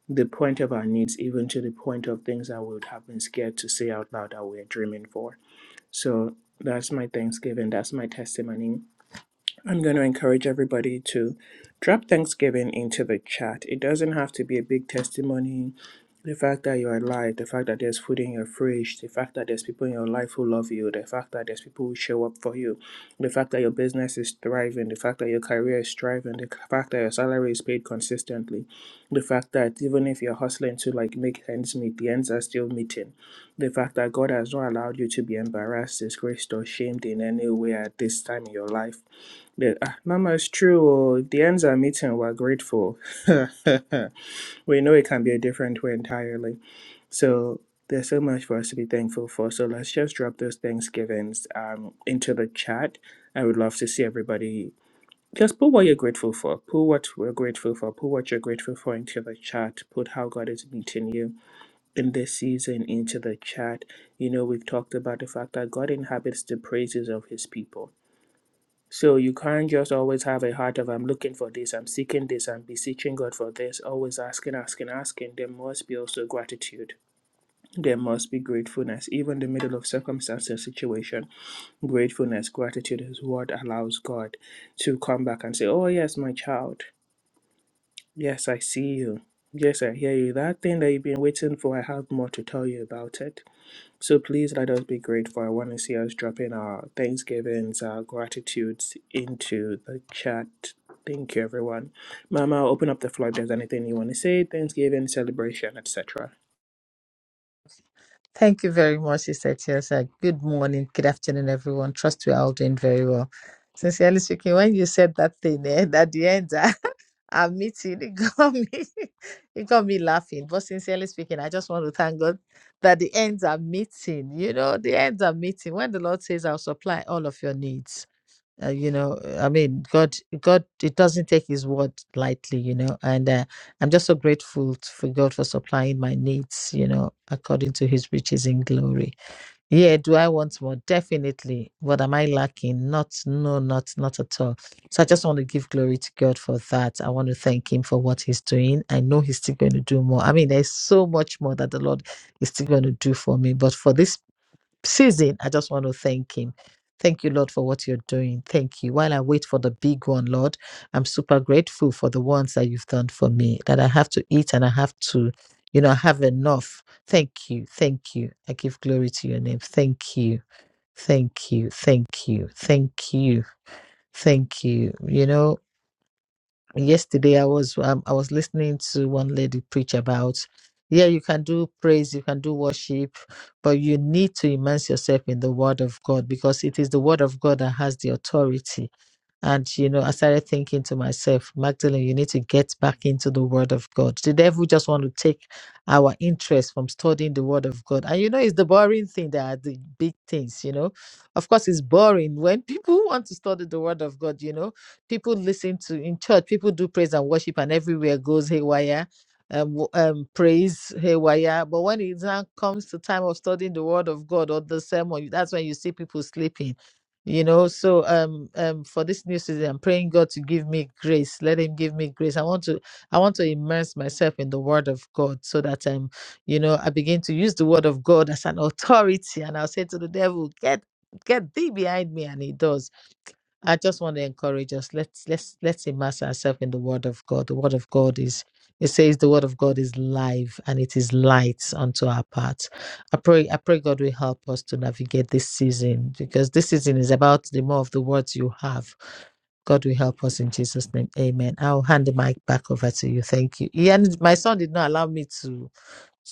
the point of our needs, even to the point of things that we would have been scared to say out loud that we're dreaming for. So that's my Thanksgiving. That's my testimony. I'm going to encourage everybody to drop Thanksgiving into the chat. It doesn't have to be a big testimony the fact that you are alive, the fact that there's food in your fridge, the fact that there's people in your life who love you, the fact that there's people who show up for you, the fact that your business is thriving, the fact that your career is thriving, the fact that your salary is paid consistently, the fact that even if you're hustling to like make ends meet, the ends are still meeting, the fact that God has not allowed you to be embarrassed, disgraced, or shamed in any way at this time in your life. The, ah, Mama, it's true. oh, If the ends are meeting, we're grateful. we know it can be a different way entirely. So there's so much for us to be thankful for. So let's just drop those Thanksgivings um, into the chat. I would love to see everybody just put what you're grateful for. Put what we're grateful for. Put what you're grateful for into the chat. Put how God is meeting you in this season into the chat. You know, we've talked about the fact that God inhabits the praises of his people. So you can't just always have a heart of I'm looking for this, I'm seeking this, I'm beseeching God for this, always asking, asking, asking. There must be also gratitude there must be gratefulness, even in the middle of circumstance or situation. Gratefulness, gratitude is what allows God to come back and say, Oh, yes, my child. Yes, I see you. Yes, I hear you. That thing that you've been waiting for, I have more to tell you about it. So please let us be grateful. I want to see us dropping our thanksgivings, our gratitudes into the chat. Thank you, everyone. Mama, open up the floor if there's anything you want to say, Thanksgiving, celebration, etc. Thank you very much, Sister Chelsea. Good morning, good afternoon, everyone. Trust we are all doing very well. Sincerely speaking, when you said that thing eh, at the end, and meeting it got me it got me laughing but sincerely speaking i just want to thank god that the ends are meeting you know the ends are meeting when the lord says i'll supply all of your needs uh, you know i mean god god it doesn't take his word lightly you know and uh, i'm just so grateful t- for god for supplying my needs you know according to his riches in glory yeah, do I want more? Definitely. What am I lacking? Not, no, not, not at all. So I just want to give glory to God for that. I want to thank Him for what He's doing. I know He's still going to do more. I mean, there's so much more that the Lord is still going to do for me. But for this season, I just want to thank Him. Thank you, Lord, for what you're doing. Thank you. While I wait for the big one, Lord, I'm super grateful for the ones that you've done for me, that I have to eat and I have to, you know, I have enough. Thank you. Thank you. I give glory to your name. Thank you. Thank you. Thank you. Thank you. Thank you. You know, yesterday i was um, i was listening to one lady preach about yeah you can do praise you can do worship but you need to immerse yourself in the word of god because it is the word of god that has the authority and, you know, I started thinking to myself, Magdalene, you need to get back into the Word of God. The devil just want to take our interest from studying the Word of God. And, you know, it's the boring thing that are the big things, you know. Of course, it's boring when people want to study the Word of God, you know. People listen to in church, people do praise and worship, and everywhere goes haywire. Um, w- um, praise haywire, but when it now comes to time of studying the Word of God or the sermon, that's when you see people sleeping you know so um um for this new season i'm praying god to give me grace let him give me grace i want to i want to immerse myself in the word of god so that um you know i begin to use the word of god as an authority and i'll say to the devil get get thee behind me and he does I just want to encourage us. Let's let's let's immerse ourselves in the Word of God. The Word of God is it says the Word of God is life and it is light unto our path. I pray I pray God will help us to navigate this season because this season is about the more of the words you have. God will help us in Jesus' name. Amen. I'll hand the mic back over to you. Thank you. Yeah, and my son did not allow me to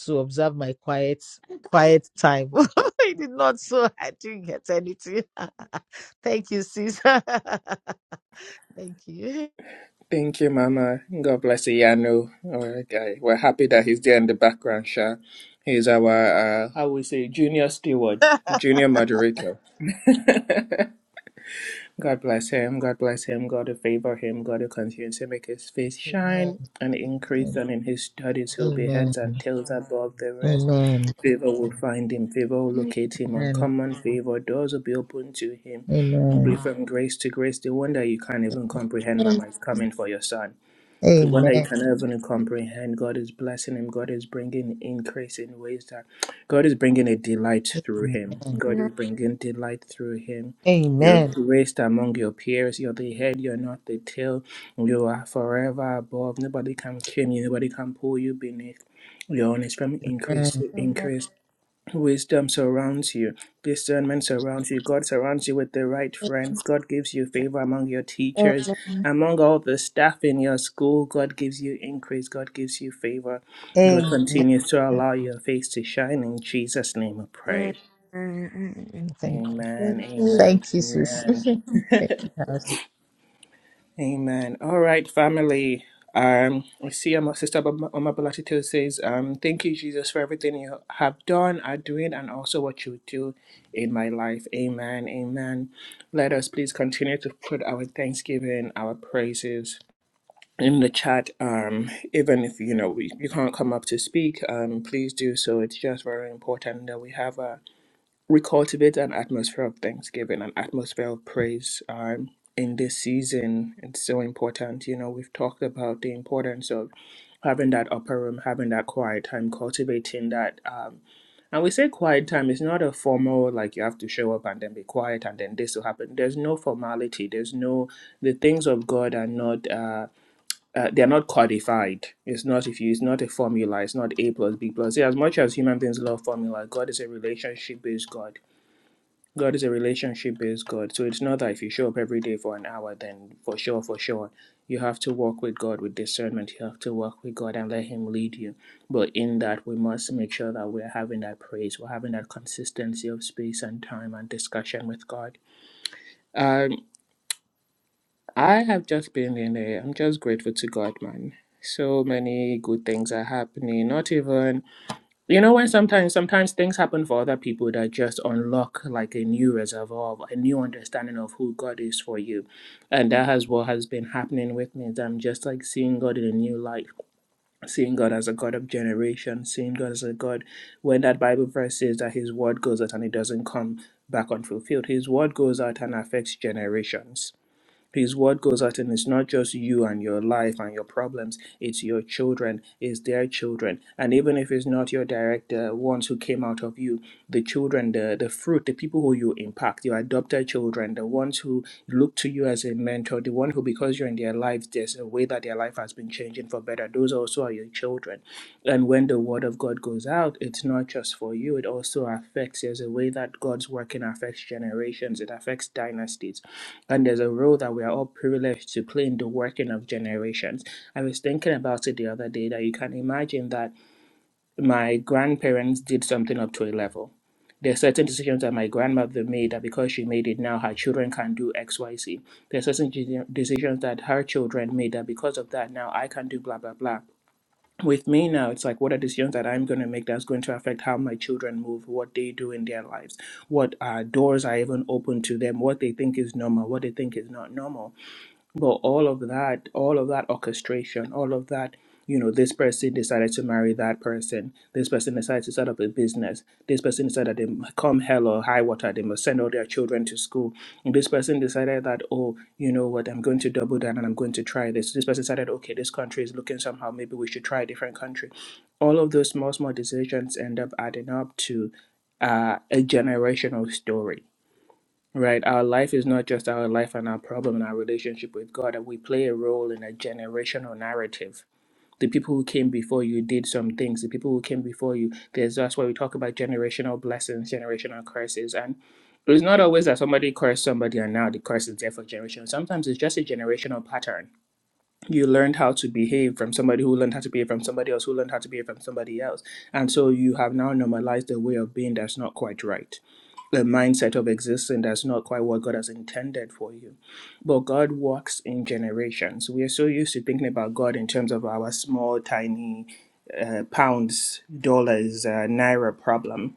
to observe my quiet quiet time. I did not, so I didn't get anything. Thank you, sis. Thank you. Thank you, Mama. God bless Iyanu. Our guy. We're happy that he's there in the background, Sha. He's our, uh, how we say, junior steward, junior moderator. God bless him. God bless him. God to favor him. God to continue to make his face Amen. shine and increase. And in his studies, he'll be Amen. heads and tails above the rest. Amen. Favor will find him. Favor will locate him. Amen. Uncommon favor. Doors will be open to Amen. him. Amen. Be from grace to grace. The one that you can't even comprehend, Mama, is coming for your son. Because one day you Amen. can even comprehend, God is blessing him. God is bringing increase in ways that God is bringing a delight through him. God is bringing delight through him. You're Amen. graced among your peers. You're the head, you're not the tail. You are forever above. Nobody can trim you, nobody can pull you beneath. You're on his from increase, to increase Wisdom surrounds you. Discernment surrounds you. God surrounds you with the right friends. God gives you favor among your teachers. Among all the staff in your school, God gives you increase. God gives you favor. God Amen. continues to allow your face to shine. In Jesus' name I Amen. pray. Thank Amen. you. Amen. Thank you, sis. Amen. Thank you, house. Amen. All right, family. Um, I see my sister Mama Balatito says, um, thank you, Jesus, for everything you have done, are doing, and also what you do in my life. Amen. Amen. Let us please continue to put our thanksgiving, our praises in the chat. Um, even if you know we, you can't come up to speak, um, please do so. It's just very important that we have we cultivate an atmosphere of thanksgiving, an atmosphere of praise um, in this season. It's so important. You know, we've talked about the importance of having that upper room, having that quiet time, cultivating that. Um, and we say quiet time is not a formal, like you have to show up and then be quiet and then this will happen. There's no formality. There's no, the things of God are not, uh, uh, they're not codified. It's not, if you, it's not a formula. It's not A plus B plus. C. As much as human beings love formula, God is a relationship based God God is a relationship based God. So it's not that if you show up every day for an hour, then for sure, for sure, you have to walk with God with discernment. You have to walk with God and let Him lead you. But in that, we must make sure that we're having that praise, we're having that consistency of space and time and discussion with God. Um, I have just been in a, I'm just grateful to God, man. So many good things are happening. Not even you know when sometimes sometimes things happen for other people that just unlock like a new reservoir, of- a new understanding of who God is for you, and that has what has been happening with me. Is I'm just like seeing God in a new light, seeing God as a God of generation, seeing God as a God when that Bible verse says that His word goes out and it doesn't come back unfulfilled. His word goes out and affects generations his word goes out, and it's not just you and your life and your problems, it's your children, it's their children. And even if it's not your direct uh, ones who came out of you, the children, the, the fruit, the people who you impact, your adopted children, the ones who look to you as a mentor, the one who, because you're in their lives, there's a way that their life has been changing for better. Those also are your children. And when the word of God goes out, it's not just for you, it also affects, there's a way that God's working affects generations, it affects dynasties and there's a role that we are all privileged to play in the working of generations. I was thinking about it the other day that you can imagine that my grandparents did something up to a level. There are certain decisions that my grandmother made that because she made it now, her children can do X, Y, Z. There are certain de- decisions that her children made that because of that now I can do blah, blah, blah with me now it's like what are decisions that i'm going to make that's going to affect how my children move what they do in their lives what uh, doors i even open to them what they think is normal what they think is not normal but all of that all of that orchestration all of that you know this person decided to marry that person this person decided to set up a business this person decided that they come hell or high water they must send all their children to school and this person decided that oh you know what i'm going to double down and i'm going to try this this person decided okay this country is looking somehow maybe we should try a different country all of those small small decisions end up adding up to uh, a generational story Right, our life is not just our life and our problem and our relationship with God. We play a role in a generational narrative. The people who came before you did some things. The people who came before you, there's that's why we talk about generational blessings, generational curses, and it's not always that somebody cursed somebody and now the curse is there for generations. Sometimes it's just a generational pattern. You learned how to behave from somebody who learned how to behave from somebody else who learned how to behave from somebody else, and so you have now normalized a way of being that's not quite right the mindset of existing that's not quite what God has intended for you. But God works in generations. We are so used to thinking about God in terms of our small, tiny uh, pounds, dollars, uh, naira problem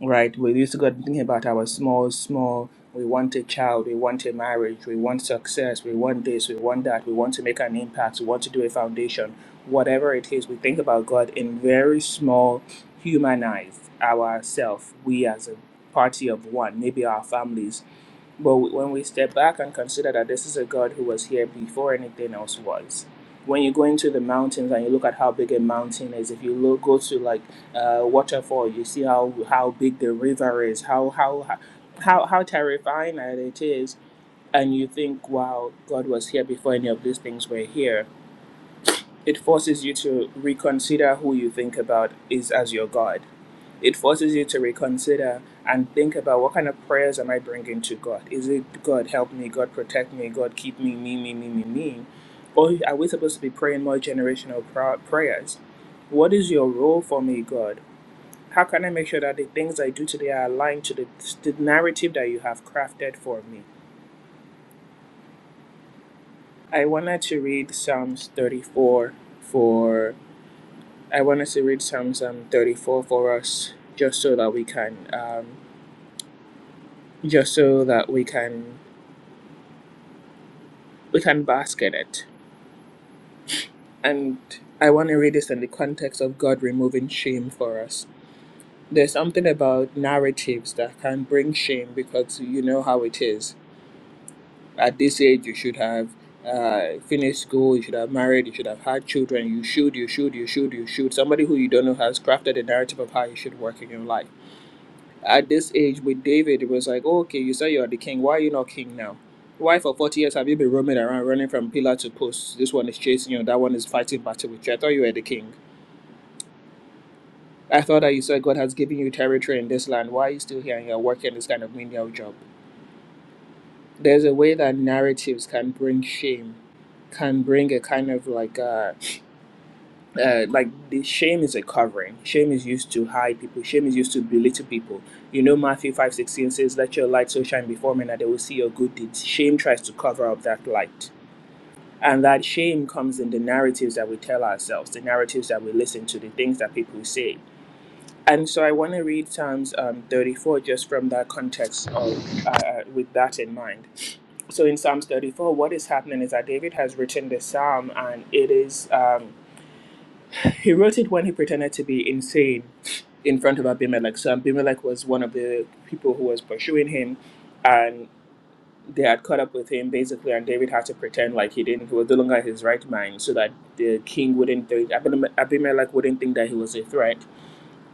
right? We used to go thinking about our small, small. We want a child. We want a marriage. We want success. We want this. We want that. We want to make an impact. We want to do a foundation. Whatever it is, we think about God in very small, humanize ourselves. We as a party of one, maybe our families, but when we step back and consider that this is a God who was here before anything else was, when you go into the mountains and you look at how big a mountain is, if you look go to like a uh, waterfall, you see how how big the river is, how how how how terrifying that it is, and you think, wow, God was here before any of these things were here. It forces you to reconsider who you think about is as your God it forces you to reconsider and think about what kind of prayers am I bringing to God? Is it God help me, God protect me, God keep me, me, me, me, me, me? Or are we supposed to be praying more generational pra- prayers? What is your role for me, God? How can I make sure that the things I do today are aligned to the, the narrative that you have crafted for me? I wanted to read Psalms 34 for. I wanted to read Psalms um, 34 for us, just so that we can, um, just so that we can we can bask in it. And I want to read this in the context of God removing shame for us. There's something about narratives that can bring shame because you know how it is. At this age, you should have uh, finished school, you should have married, you should have had children, you should, you should, you should, you should. Somebody who you don't know has crafted a narrative of how you should work in your life. At this age with David, it was like, oh, okay, you say you are the king. Why are you not king now? Why for 40 years have you been roaming around, running from pillar to post? This one is chasing you, that one is fighting battle with you. I thought you were the king. I thought that you said God has given you territory in this land. Why are you still here and you're working this kind of menial job? There's a way that narratives can bring shame, can bring a kind of like uh, uh, like the shame is a covering. Shame is used to hide people. Shame is used to belittle people. You know, Matthew five sixteen says, "Let your light so shine before men that they will see your good deeds." Shame tries to cover up that light, and that shame comes in the narratives that we tell ourselves, the narratives that we listen to, the things that people say. And so, I want to read Psalms um, thirty four just from that context of uh, uh, with that in mind. So, in Psalms thirty four, what is happening is that David has written the psalm, and it is. Um, he wrote it when he pretended to be insane in front of Abimelech. So Abimelech was one of the people who was pursuing him, and they had caught up with him basically. And David had to pretend like he didn't, he was no longer in his right mind, so that the king wouldn't, think, Abimelech wouldn't think that he was a threat,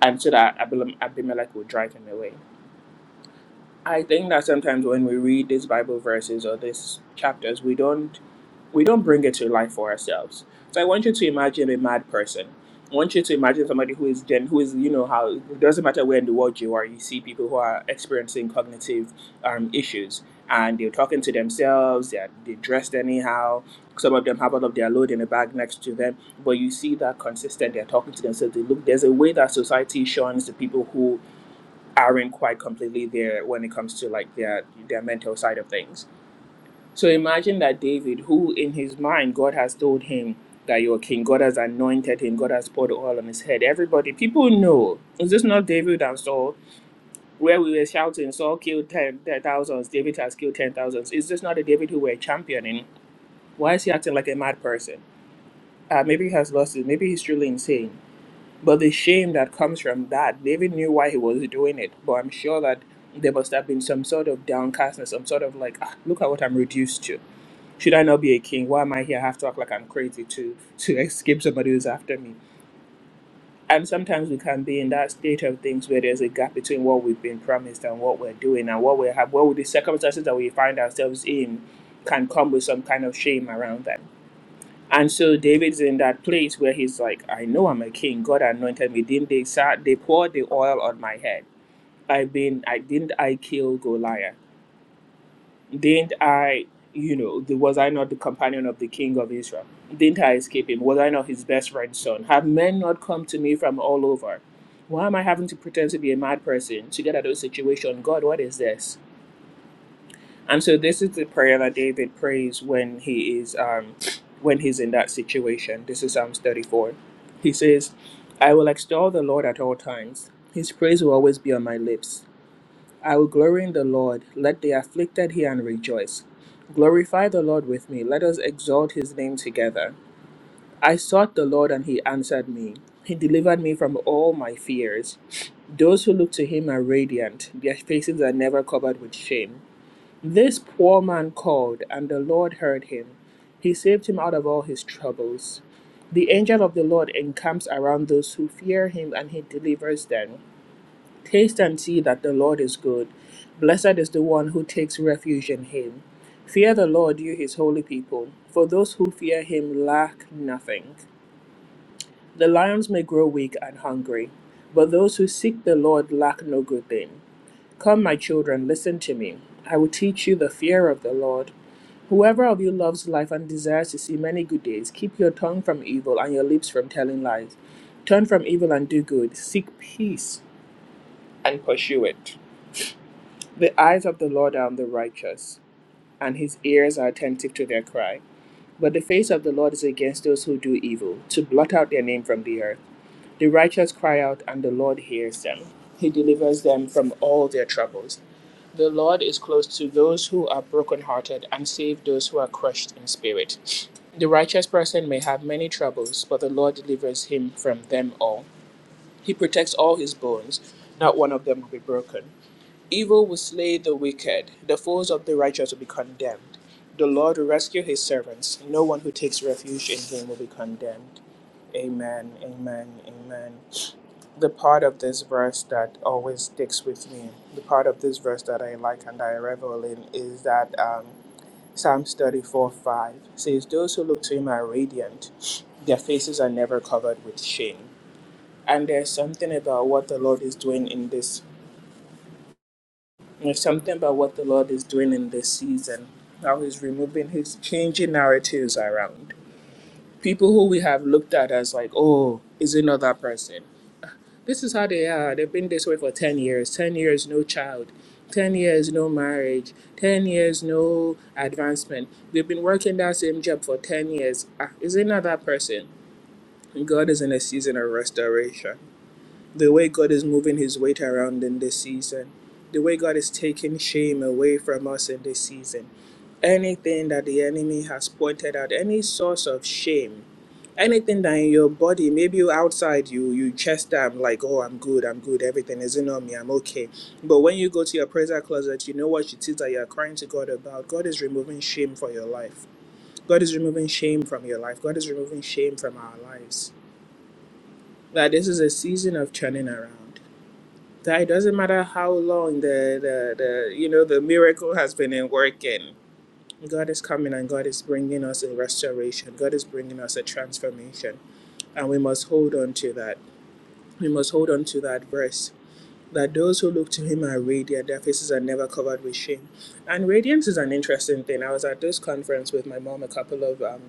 and so that Abim- Abimelech would drive him away. I think that sometimes when we read these Bible verses or these chapters, we don't we don't bring it to life for ourselves. So I want you to imagine a mad person. I want you to imagine somebody who is gen, who is you know how it doesn't matter where in the world you are, you see people who are experiencing cognitive um, issues, and they're talking to themselves. They're they dressed anyhow. Some of them have all of their load in a bag next to them, but you see that consistent. They're talking to themselves. They look. There's a way that society shuns the people who aren't quite completely there when it comes to like their their mental side of things. So imagine that David, who in his mind God has told him that you're king, God has anointed him, God has poured oil on his head. Everybody, people know. Is this not David and Saul, where we were shouting, Saul killed ten, ten thousands, David has killed ten thousands? Is this not the David who we're championing? Why is he acting like a mad person? Uh, maybe he has lost it. Maybe he's truly insane. But the shame that comes from that, David knew why he was doing it. But I'm sure that there must have been some sort of downcastness, some sort of like, ah, look at what I'm reduced to should I not be a king? Why am I here? I have to act like I'm crazy to to escape somebody who's after me. And sometimes we can be in that state of things where there's a gap between what we've been promised and what we're doing and what we have. What the circumstances that we find ourselves in can come with some kind of shame around that. And so David's in that place where he's like, I know I'm a king. God anointed me. Didn't they sa- they poured the oil on my head? I've been I didn't I kill Goliath? Didn't I, you know, the, was I not the companion of the king of Israel? Didn't I escape him? Was I not his best friend's son? Have men not come to me from all over? Why am I having to pretend to be a mad person to get out of a situation? God, what is this? And so this is the prayer that David prays when he is um when he's in that situation. This is Psalms 34. He says, I will extol the Lord at all times. His praise will always be on my lips. I will glory in the Lord. Let the afflicted hear and rejoice. Glorify the Lord with me. Let us exalt his name together. I sought the Lord, and he answered me. He delivered me from all my fears. Those who look to him are radiant, their faces are never covered with shame. This poor man called, and the Lord heard him. He saved him out of all his troubles. The angel of the Lord encamps around those who fear him, and he delivers them. Taste and see that the Lord is good. Blessed is the one who takes refuge in him. Fear the Lord, you his holy people, for those who fear him lack nothing. The lions may grow weak and hungry, but those who seek the Lord lack no good thing. Come, my children, listen to me. I will teach you the fear of the Lord. Whoever of you loves life and desires to see many good days, keep your tongue from evil and your lips from telling lies. Turn from evil and do good. Seek peace and pursue it. The eyes of the Lord are on the righteous, and his ears are attentive to their cry. But the face of the Lord is against those who do evil, to blot out their name from the earth. The righteous cry out, and the Lord hears them. He delivers them from all their troubles. The Lord is close to those who are brokenhearted and save those who are crushed in spirit. The righteous person may have many troubles, but the Lord delivers him from them all. He protects all his bones, not one of them will be broken. Evil will slay the wicked, the foes of the righteous will be condemned. The Lord will rescue his servants. No one who takes refuge in him will be condemned. Amen, amen, amen. The part of this verse that always sticks with me, the part of this verse that I like and I revel in, is that um, Psalms 34 5 says, Those who look to him are radiant, their faces are never covered with shame. And there's something about what the Lord is doing in this There's something about what the Lord is doing in this season, how He's removing He's changing narratives around. People who we have looked at as like, oh, is it not that person? This is how they are. They've been this way for 10 years. 10 years, no child. 10 years, no marriage. 10 years, no advancement. They've been working that same job for 10 years. Ah, is it not that person? And God is in a season of restoration the way God is moving his weight around in this season, the way God is taking shame away from us in this season. Anything that the enemy has pointed out, any source of shame, anything that in your body, maybe you outside you, you chest down like, oh, I'm good, I'm good, everything isn't on me, I'm okay. But when you go to your prayer closet, you know what it is that you're crying to God about. God is removing shame for your life. God is removing shame from your life. God is removing shame from our lives. That this is a season of turning around that it doesn't matter how long the, the, the you know the miracle has been in working god is coming and god is bringing us a restoration god is bringing us a transformation and we must hold on to that we must hold on to that verse that those who look to him are radiant their faces are never covered with shame and radiance is an interesting thing i was at this conference with my mom a couple of um,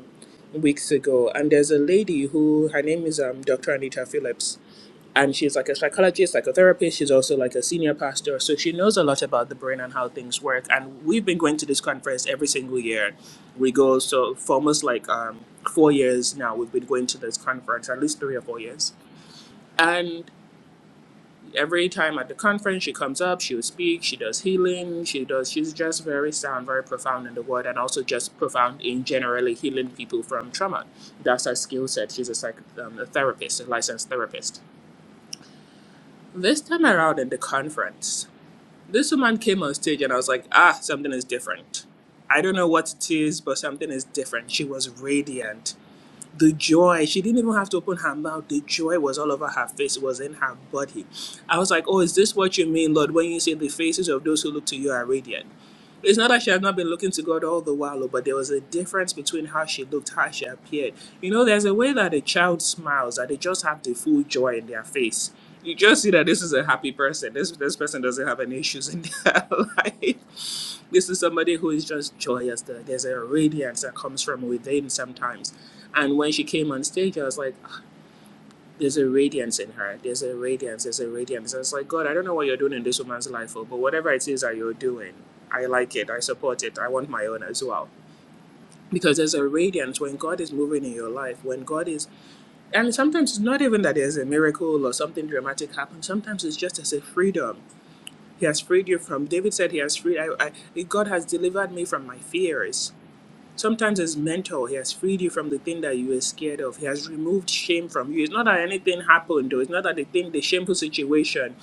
weeks ago and there's a lady who her name is um, dr anita phillips and she's like a psychologist, psychotherapist. She's also like a senior pastor, so she knows a lot about the brain and how things work. And we've been going to this conference every single year. We go so for almost like um, four years now. We've been going to this conference at least three or four years, and every time at the conference she comes up she will speak she does healing she does she's just very sound very profound in the word and also just profound in generally healing people from trauma that's her skill set she's a psych um, a therapist a licensed therapist This time around at the conference, this woman came on stage and I was like, ah, something is different. I don't know what it is, but something is different. She was radiant. The joy, she didn't even have to open her mouth. The joy was all over her face, it was in her body. I was like, oh, is this what you mean, Lord, when you say the faces of those who look to you are radiant? It's not that she had not been looking to God all the while, but there was a difference between how she looked, how she appeared. You know, there's a way that a child smiles, that they just have the full joy in their face. You just see that this is a happy person. This this person doesn't have any issues in their life. This is somebody who is just joyous. There- There's a radiance that comes from within sometimes. And when she came on stage, I was like, there's a radiance in her. There's a radiance. There's a radiance. And it's like, God, I don't know what you're doing in this woman's life, oh, but whatever it is that you're doing, I like it. I support it. I want my own as well. Because there's a radiance when God is moving in your life, when God is, and sometimes it's not even that there's a miracle or something dramatic happens. Sometimes it's just as a freedom. He has freed you from, David said, He has freed, I, I, God has delivered me from my fears. Sometimes as mentor, he has freed you from the thing that you were scared of. He has removed shame from you. It's not that anything happened, though. It's not that the thing, the shameful situation,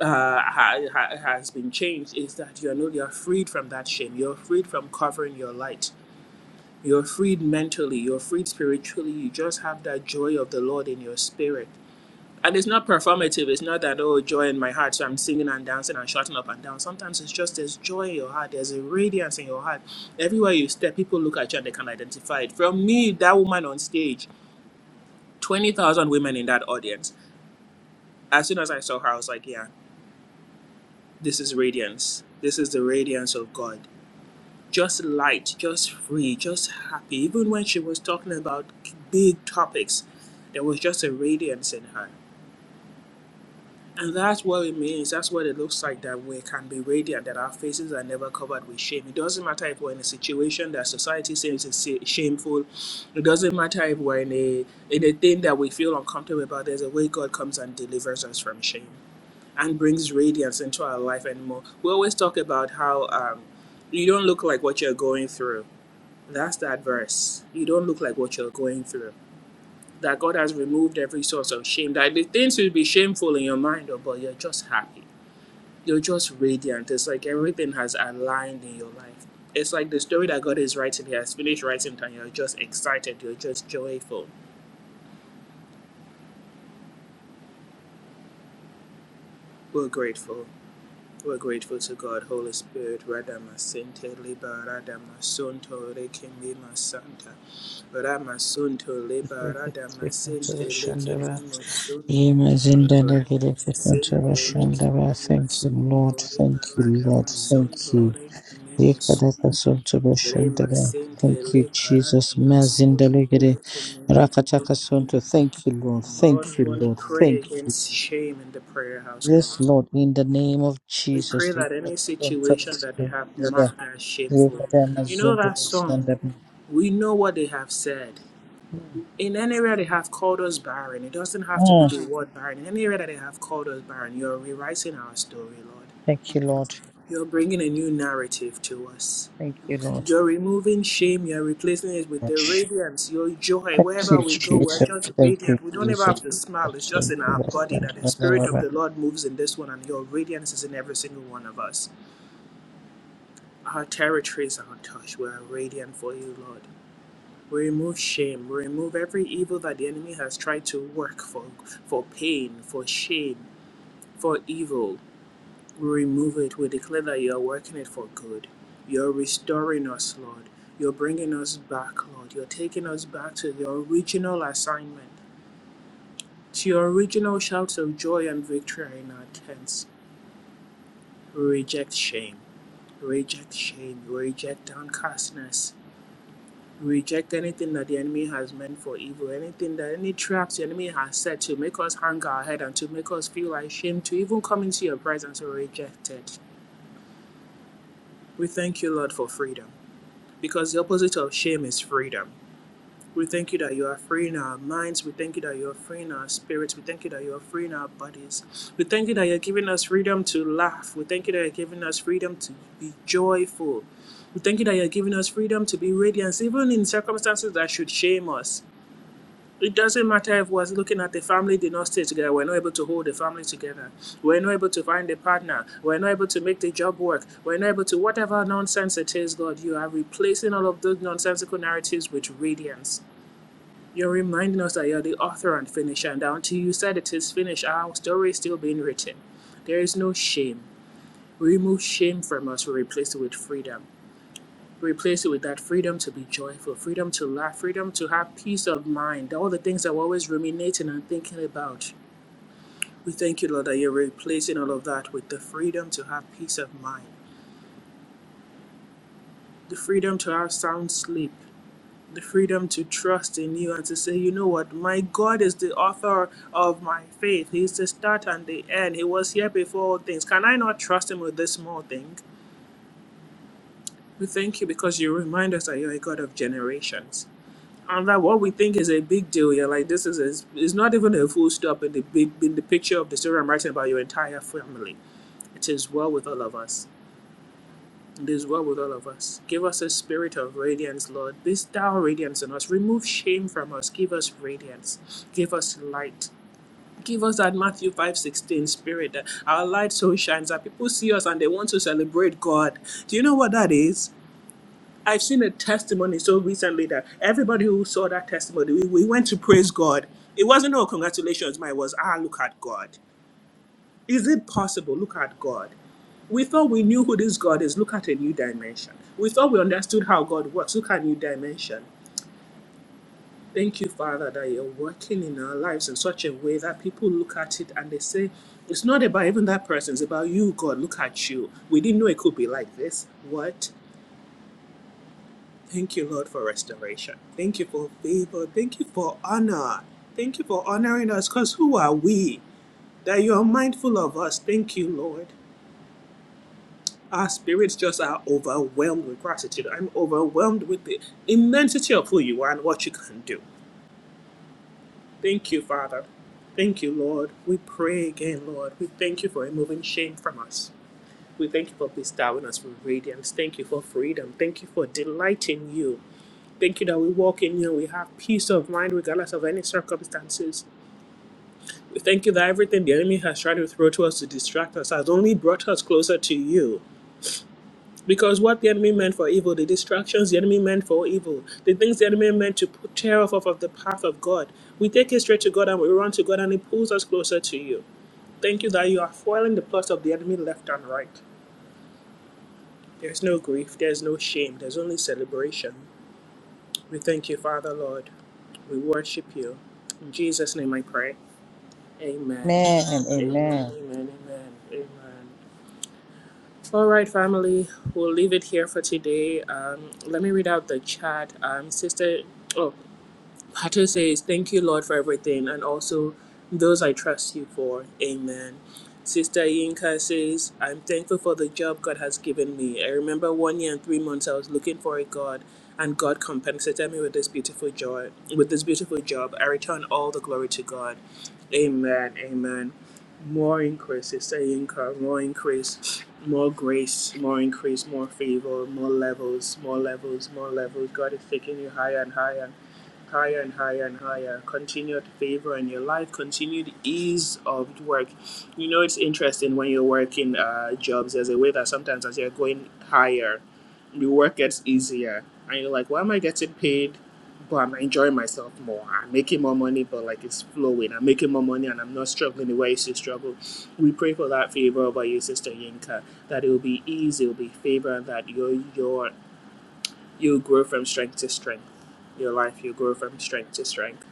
uh, ha- ha- has been changed. It's that you are no, you are freed from that shame. You're freed from covering your light. You're freed mentally. You're freed spiritually. You just have that joy of the Lord in your spirit and it's not performative. It's not that, oh, joy in my heart. So I'm singing and dancing and shouting up and down. Sometimes it's just there's joy in your heart. There's a radiance in your heart. Everywhere you step, people look at you and they can identify it. From me, that woman on stage, 20,000 women in that audience. As soon as I saw her, I was like, yeah, this is radiance. This is the radiance of God. Just light, just free, just happy. Even when she was talking about big topics, there was just a radiance in her. And that's what it means. That's what it looks like that we can be radiant, that our faces are never covered with shame. It doesn't matter if we're in a situation that society says is sa- shameful. It doesn't matter if we're in a, in a thing that we feel uncomfortable about. There's a way God comes and delivers us from shame and brings radiance into our life anymore. We always talk about how um, you don't look like what you're going through. That's that verse. You don't look like what you're going through. That God has removed every source of shame. That the things will be shameful in your mind, oh, but you're just happy you're just radiant. It's like everything has aligned in your life. It's like the story that God is writing, He has finished writing it, and you're just excited, you're just joyful. We're grateful. We're grateful to God, Holy Spirit. Radama Sinte Liba Radama Sunto Lekimima Santa. Radama Sunto Liba Radama Sinte Shandava. Lekimima Sunto. Radama Sinte Lekimima Thank you, Lord. Sunto Liba Thank you, Lord. Radama Sunto Thank you. Lekimima Sunto. Yekadaka Lema sente Thank you, liberata Jesus. masunto Mazindalegere leke Rakataka masunto. Thank you, Lord. Thank Lord, you, we want to Lord. pray Thank you. against shame in the prayer house, Yes, Lord. Lord, in the name of We pray Jesus. that Yekadaka any Sontara situation that they have marked as shameful. You know that song, we know what they have said. Mm. In any area they have called us barren, it doesn't have to be Mm. the word barren. In any area that they have called us barren, you're rewriting our story, Lord. Thank you, Lord. You're bringing a new narrative to us. Thank you, You're Lord. removing shame, you're replacing it with the radiance, your joy. Thank you, Wherever we go, we're Jesus. just Thank you, radiant. We don't ever have Jesus. to smile. It's just Thank in you, our Lord. body Thank that the you, Spirit of Lord. the Lord moves in this one, and your radiance is in every single one of us. Our territories are untouched. We're radiant for you, Lord. We remove shame. We remove every evil that the enemy has tried to work for, for pain, for shame, for evil. We remove it. We declare that you're working it for good. You're restoring us, Lord. You're bringing us back, Lord. You're taking us back to the original assignment, to your original shouts of joy and victory in our tents. We reject shame. We reject shame. We reject downcastness. We reject anything that the enemy has meant for evil, anything that any traps the enemy has set to make us hang our head and to make us feel ashamed to even come into your presence. We reject it. We thank you, Lord, for freedom. because the opposite of shame is freedom. We thank you that you are free in our minds. We thank you that you are free in our spirits. We thank you that you are free in our bodies. We thank you that you're giving us freedom to laugh. We thank you that you're giving us freedom to be joyful. We thank you that you're giving us freedom to be radiant, even in circumstances that should shame us. It doesn't matter if we're looking at the family did not stay together, we're not able to hold the family together, we're not able to find a partner, we're not able to make the job work, we're not able to whatever nonsense it is, God, you are replacing all of those nonsensical narratives with radiance. You're reminding us that you're the author and finisher, and that until you said it is finished, our story is still being written. There is no shame. Remove shame from us, we replace it with freedom. Replace it with that freedom to be joyful, freedom to laugh, freedom to have peace of mind, all the things that we're always ruminating and thinking about. We thank you, Lord, that you're replacing all of that with the freedom to have peace of mind, the freedom to have sound sleep, the freedom to trust in you and to say, you know what, my God is the author of my faith. He's the start and the end. He was here before all things. Can I not trust him with this small thing? We thank you because you remind us that you're a God of generations and that what we think is a big deal here, like this is a, is not even a full stop in the big in the picture of the story I'm writing about your entire family. It is well with all of us. It is well with all of us. Give us a spirit of radiance, Lord. Bestow radiance in us. Remove shame from us. Give us radiance. Give us light. Give us that Matthew five sixteen spirit that our light so shines that people see us and they want to celebrate God. Do you know what that is? I've seen a testimony so recently that everybody who saw that testimony, we, we went to praise God. It wasn't, oh, congratulations, mine was, ah, look at God. Is it possible? Look at God. We thought we knew who this God is. Look at a new dimension. We thought we understood how God works. Look at a new dimension. Thank you, Father, that you're working in our lives in such a way that people look at it and they say, it's not about even that person, it's about you, God. Look at you. We didn't know it could be like this. What? Thank you, Lord, for restoration. Thank you for favor. Thank you for honor. Thank you for honoring us because who are we that you are mindful of us? Thank you, Lord. Our spirits just are overwhelmed with gratitude. I'm overwhelmed with the immensity of who you are and what you can do. Thank you, Father. Thank you, Lord. We pray again, Lord. We thank you for removing shame from us. We thank you for bestowing us with radiance. Thank you for freedom. Thank you for delighting you. Thank you that we walk in you and we have peace of mind regardless of any circumstances. We thank you that everything the enemy has tried to throw to us to distract us has only brought us closer to you. Because what the enemy meant for evil, the distractions the enemy meant for evil, the things the enemy meant to put- tear off of of the path of God, we take it straight to God and we run to God and it pulls us closer to you. Thank you that you are foiling the plots of the enemy left and right. There's no grief, there's no shame, there's only celebration. We thank you, Father Lord. We worship you. In Jesus' name I pray. Amen. Amen. Amen. Amen. Amen. Amen. Amen. All right, family. We'll leave it here for today. Um, let me read out the chat. Um, sister. Oh, I just say is thank you, Lord, for everything, and also those I trust you for. Amen. Sister Yinka says, I'm thankful for the job God has given me. I remember one year and three months I was looking for a God, and God compensated me with this beautiful joy, with this beautiful job. I return all the glory to God. Amen. Amen. More increase, Sister Yinka, more increase, more grace, more increase, more favor, more levels, more levels, more levels. God is taking you higher and higher higher and higher and higher. Continued favor in your life, continued ease of work. You know, it's interesting when you're working uh, jobs, there's a way that sometimes as you're going higher, the work gets easier. And you're like, why am I getting paid? But I'm enjoying myself more. I'm making more money, but like it's flowing. I'm making more money and I'm not struggling the way I used to struggle. We pray for that favor over you, Sister Yinka, that it will be easy, it will be favor, and that your your you'll grow from strength to strength. Your life, you'll grow from strength to strength.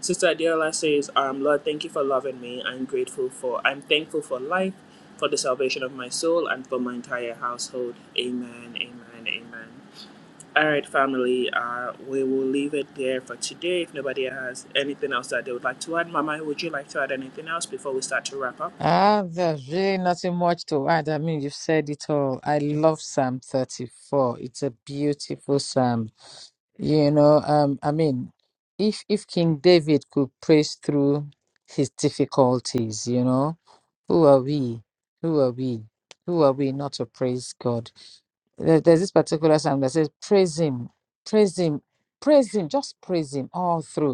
Sister Adiola says, um, Lord, thank you for loving me. I'm grateful for, I'm thankful for life, for the salvation of my soul, and for my entire household. Amen, amen, amen. All right, family, uh, we will leave it there for today. If nobody has anything else that they would like to add, Mama, would you like to add anything else before we start to wrap up? Ah, there's really nothing much to add. I mean, you've said it all. I love Psalm 34. It's a beautiful psalm. You know, um, I mean, if if King David could praise through his difficulties, you know, Who are we? Who are we? Who are we not to praise God? There- There's this particular psalm that says, Praise Him, praise Him, praise Him, just praise Him all through.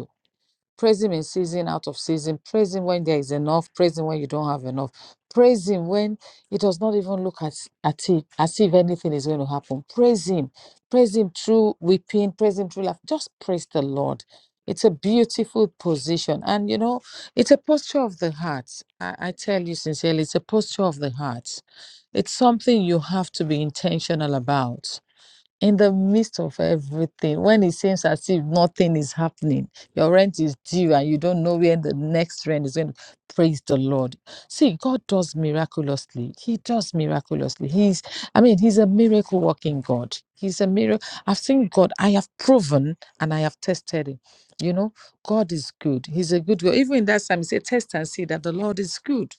Praise Him in season, out of season. Praise Him when there is enough. Praise Him when you don't have enough. Praise Him when it does not even look at, at it as if anything is going to happen. Praise Him. Praise Him through weeping. Praise Him through life. Just praise the Lord. It's a beautiful position. And you know, it's a posture of the heart. I, I tell you sincerely, it's a posture of the heart. It's something you have to be intentional about in the midst of everything when it seems as if nothing is happening your rent is due and you don't know when the next rent is going to praise the lord see god does miraculously he does miraculously he's i mean he's a miracle working god he's a miracle i've seen god i have proven and i have tested him you know god is good he's a good god even in that time he said test and see that the lord is good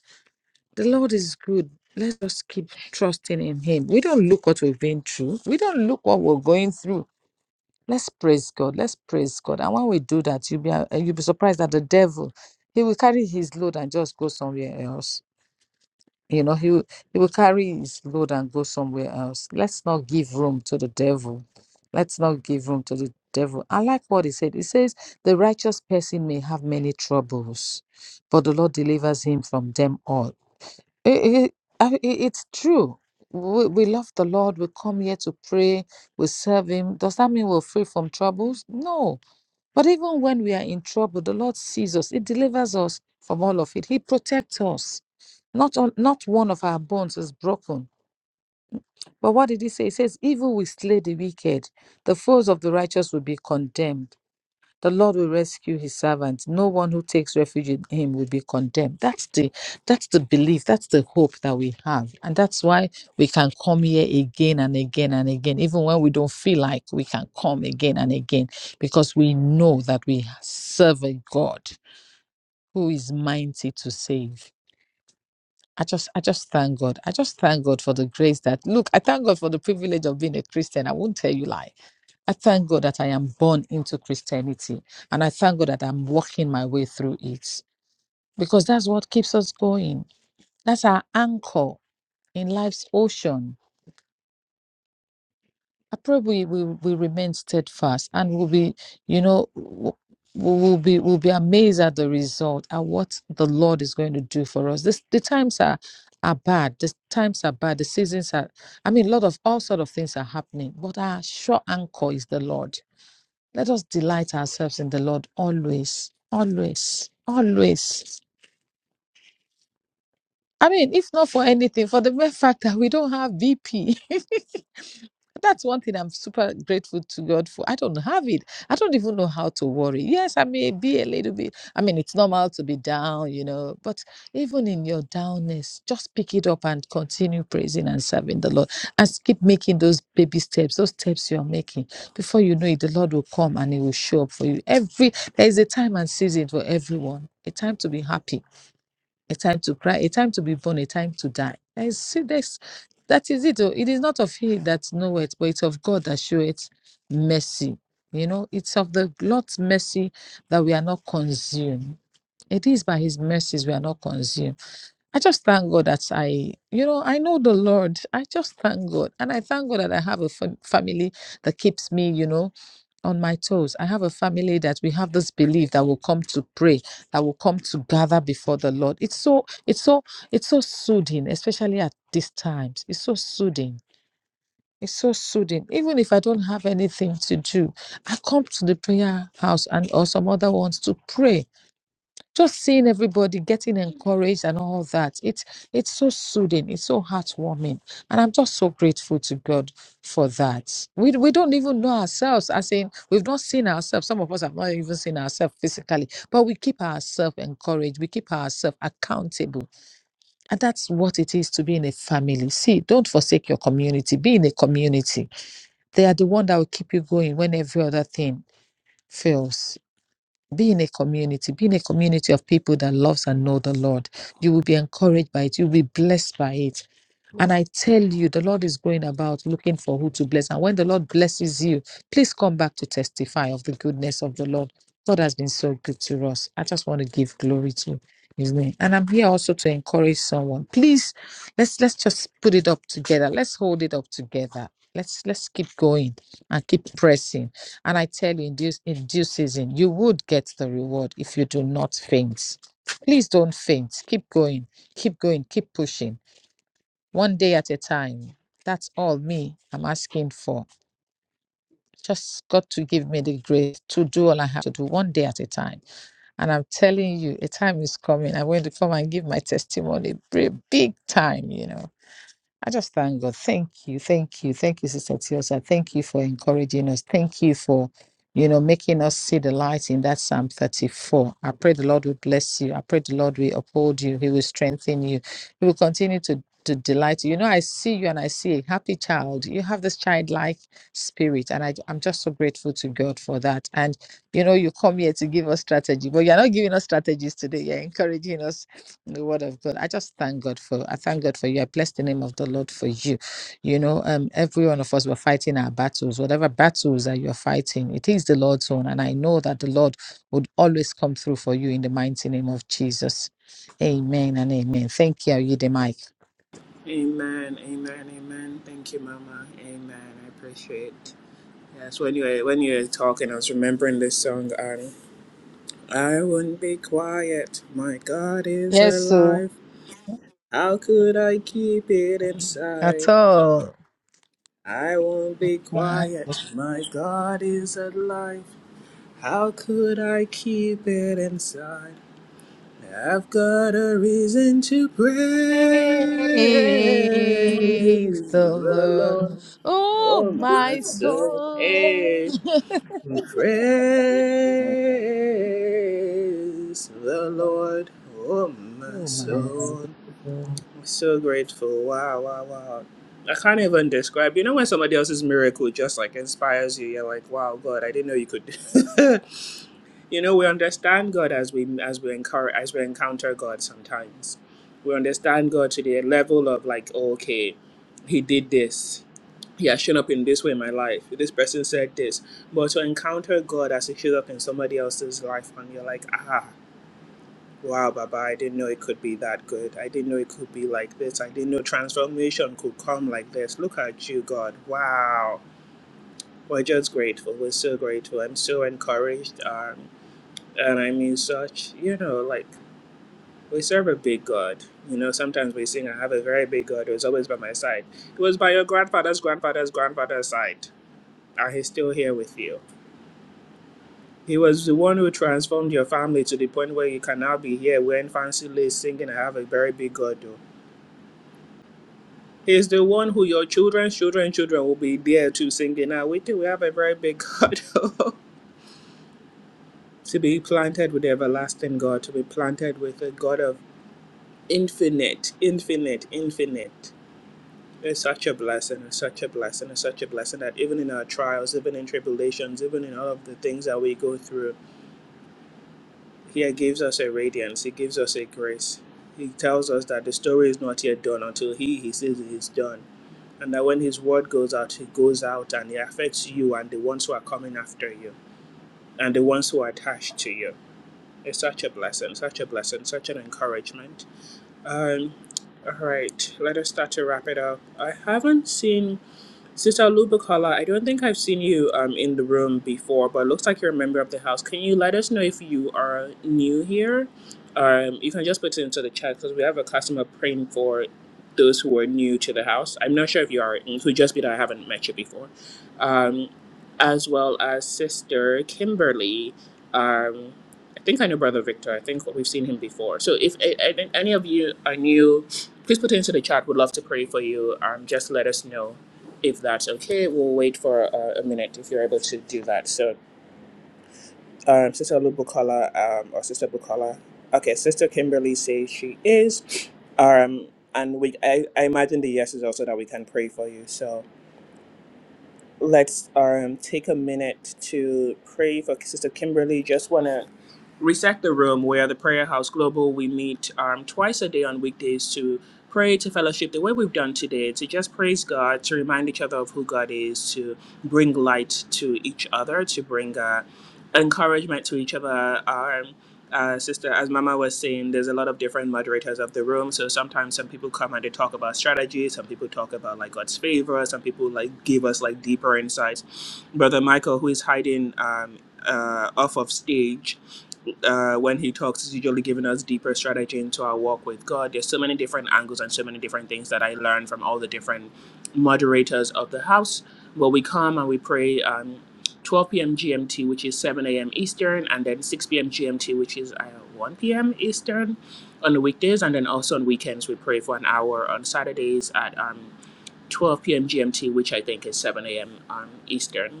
the Lord is good. Let's just keep trusting in Him. We don't look what we've been through. We don't look what we're going through. Let's praise God. Let's praise God. And when we do that, you'll be uh, you'll be surprised that the devil he will carry his load and just go somewhere else. You know, he will, he will carry his load and go somewhere else. Let's not give room to the devil. Let's not give room to the devil. I like what he said. He says, The righteous person may have many troubles, but the Lord delivers him from them all. It, it, I- it- it's true. We, we love the Lord. We come here to pray. We serve Him. Does that mean we're free from troubles? No. But even when we are in trouble, the Lord sees us. He delivers us from all of it. He protects us. Not, on, not one of our bones is broken. But what did He say? He says, Evil will slay the wicked, the foes of the righteous will be condemned. The Lord will rescue his servant. No one who takes refuge in him will be condemned. That's the that's the belief, that's the hope that we have. And that's why we can come here again and again and again. Even when we don't feel like we can come again and again, because we know that we serve a God who is mighty to save. I just I just thank God. I just thank God for the grace that look, I thank God for the privilege of being a Christian. I won't tell you lie. I thank God that I am born into Christianity and I thank God that I'm walking my way through it because that's what keeps us going. That's our anchor in life's ocean. I pray we we, we remain steadfast and we'll be, you know, w- we will be we'll be amazed at the result at what the Lord is going to do for us. This the times are are bad. The times are bad. The seasons are I mean a lot of all sort of things are happening. But our sure anchor is the Lord Let us delight ourselves in the Lord always, always, always. I mean, if not for anything, for the mere fact that we don't have BP. that's one thing I'm super grateful to God for. I don't have it. I don't even know how to worry. Yes, I may be a little bit. I mean, it's normal to be down, you know, but even in your downness, just pick it up and continue praising and serving the Lord and keep making those baby steps, those steps you're making. Before you know it, the Lord will come and He will show up for you. Every there is a time and season for everyone, a time to be happy a time to cry, a time to be born, a time to die. I see this. That is it. oh. It is not of he that knoweth, but it's of God that showeth mercy. You know, it's of the Lord's mercy that we are not consumed. It is by his mercies we are not consumed. I just thank God that I, you know, I know the Lord. I just thank God. And I thank God that I have a fam- family that keeps me, you know, on my toes. I have a family that we have this belief that will come to pray, that will come to gather before the Lord. It's so, it's so, it's so soothing, especially at these times. It's so soothing. It's so soothing. Even if I don't have anything to do, I come to the prayer house and or some other ones to pray just seeing everybody getting encouraged and all that it's it's so soothing it's so heartwarming and i'm just so grateful to god for that we, we don't even know ourselves as in we've not seen ourselves some of us have not even seen ourselves physically but we keep ourselves encouraged we keep ourselves accountable and that's what it is to be in a family see don't forsake your community be in a community they are the one that will keep you going when every other thing fails be in a community be in a community of people that loves and know the lord you will be encouraged by it you'll be blessed by it and i tell you the lord is going about looking for who to bless and when the lord blesses you please come back to testify of the goodness of the lord god has been so good to us i just want to give glory to his name and i'm here also to encourage someone please let's let's just put it up together let's hold it up together let's let's keep going and keep pressing and I tell you, in due, in due season, you would get the reward if you do not faint. Please don't faint. Keep going, keep going, keep pushing, one day at a time. That's all me I'm asking for. Just God to give me the grace to do all I have to do one day at a time. And I'm telling you, a time is coming. I'm going to come and give my testimony, big big time, you know I just thank God. Thank you. Thank you. Thank you, Sister Tiosa. Thank you for encouraging us. Thank you for, you know, making us see the light in that Psalm 34. I pray the Lord will bless you. I pray the Lord will uphold you. He will strengthen you. He will continue to, to delight you. You know, I see you and I see a happy child. You have this childlike spirit. And I, I'm just so grateful to God for that. And, you know, you come here to give us strategy, but you're not giving us strategies today. You're encouraging us the word of God. I just thank God for I thank God for you. I bless the name of the Lord for you. You know, um, every one of us were fighting our battles, whatever battles that you're fighting, it is the Lord's own. And I know that the Lord would always come through for you in the mighty name of Jesus. Amen and amen. Thank you. Are you the mic? Amen, amen, amen. Thank you, Mama. Amen. I appreciate Yeah, so anyway, when you are talking, I was remembering this song, Annie. I wouldn't be quiet. My God is Yes, so alive. How could I keep it at inside? all. I won't be Why? quiet. My God is alive. How could I keep it inside? I've got a reason to praise Praise the the Lord. Lord. Oh Oh, my my soul. soul. hey. Praise the Lord, oh my Oh my soul. soul. I'm so grateful. Wow, wow, wow. I can't even describe. You know when somebody else's miracle just like inspires you, you're like, wow, God, I didn't know you could. you know, we understand God as we as we encounter as we encounter God sometimes. We understand God to the level of like, okay, He did this. He has shown up in this way in my life. This person said this. But to encounter God as it shows up in somebody else's life, and you're like, ah, wow, Baba, I didn't know it could be that good. I didn't know it could be like this. I didn't know transformation could come like this. Look at you, God. Wow. We're just grateful. We're so grateful. I'm so encouraged. Um, and I mean, such, you know, like, we serve a big God. You know, sometimes we sing, I have a very big God who's always by my side. It was by your grandfather's grandfather's grandfather's side. And he's still here with you He was the one who transformed your family to the point where you can now be here wearing fancy lace singing I have a very big God though. He's the one who your children's children children will be there to singing now we do we have a very big God to be planted with the everlasting God, to be planted with a God of infinite, infinite, infinite. It's such a blessing, it's such a blessing, it's such a blessing that even in our trials, even in tribulations, even in all of the things that we go through Here gives us a radiance, He gives us a grace. He tells us that the story is not yet done until He, He says it is done. And that when His word goes out, it goes out and it affects you and the ones who are coming after you and the ones who are attached to you. It's such a blessing, such a blessing, such an encouragement. Um, all right, let us start to wrap it up. I haven't seen Sister Lubakala, I don't think I've seen you um, in the room before, but it looks like you're a member of the house. Can you let us know if you are new here? Um, you can just put it into the chat because we have a customer praying for those who are new to the house. I'm not sure if you are. It could just be that I haven't met you before. Um, as well as Sister Kimberly. Um, I think I know Brother Victor. I think we've seen him before. So if I, I think any of you are new, please put it into the chat. We'd love to pray for you. Um, just let us know. If that's okay, we'll wait for uh, a minute if you're able to do that. So, um, Sister Lubukola um, or Sister Bukola. Okay, Sister Kimberly says she is. Um, and we, I, I imagine the yes is also that we can pray for you. So, let's um, take a minute to pray for Sister Kimberly. Just want to reset the room. We are the Prayer House Global. We meet um, twice a day on weekdays to pray, to fellowship the way we've done today, to just praise God, to remind each other of who God is, to bring light to each other, to bring uh, encouragement to each other. Um, uh, sister, as Mama was saying, there's a lot of different moderators of the room. So sometimes some people come and they talk about strategy. Some people talk about like God's favor. Some people like give us like deeper insights. Brother Michael, who is hiding um, uh, off of stage, uh, when he talks, is usually giving us deeper strategy into our walk with God. There's so many different angles and so many different things that I learned from all the different moderators of the house. Where we come and we pray um, 12 p.m. GMT, which is 7 a.m. Eastern, and then 6 p.m. GMT, which is uh, 1 p.m. Eastern on the weekdays, and then also on weekends we pray for an hour on Saturdays at um, 12 p.m. GMT, which I think is 7 a.m. Um, Eastern.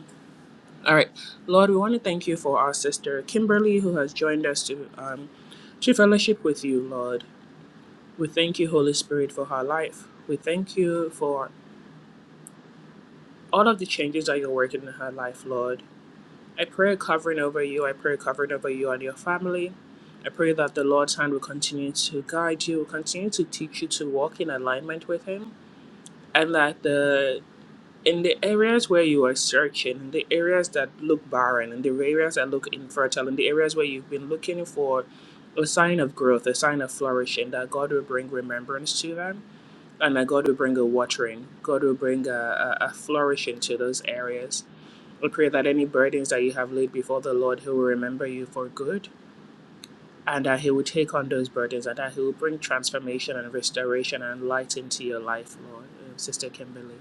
All right. Lord, we want to thank you for our sister Kimberly, who has joined us to, um, to fellowship with you, Lord. We thank you, Holy Spirit, for her life. We thank you for all of the changes that you're working in her life, Lord. I pray a covering over you. I pray a covering over you and your family. I pray that the Lord's hand will continue to guide you, will continue to teach you to walk in alignment with Him, and that the in the areas where you are searching, in the areas that look barren, in the areas that look infertile, in the areas where you've been looking for a sign of growth, a sign of flourishing, that God will bring remembrance to them, and that God will bring a watering, God will bring a, a, a flourishing to those areas. We pray that any burdens that you have laid before the Lord, He will remember you for good, and that He will take on those burdens, and that He will bring transformation and restoration and light into your life, Lord, uh, Sister Kimberly.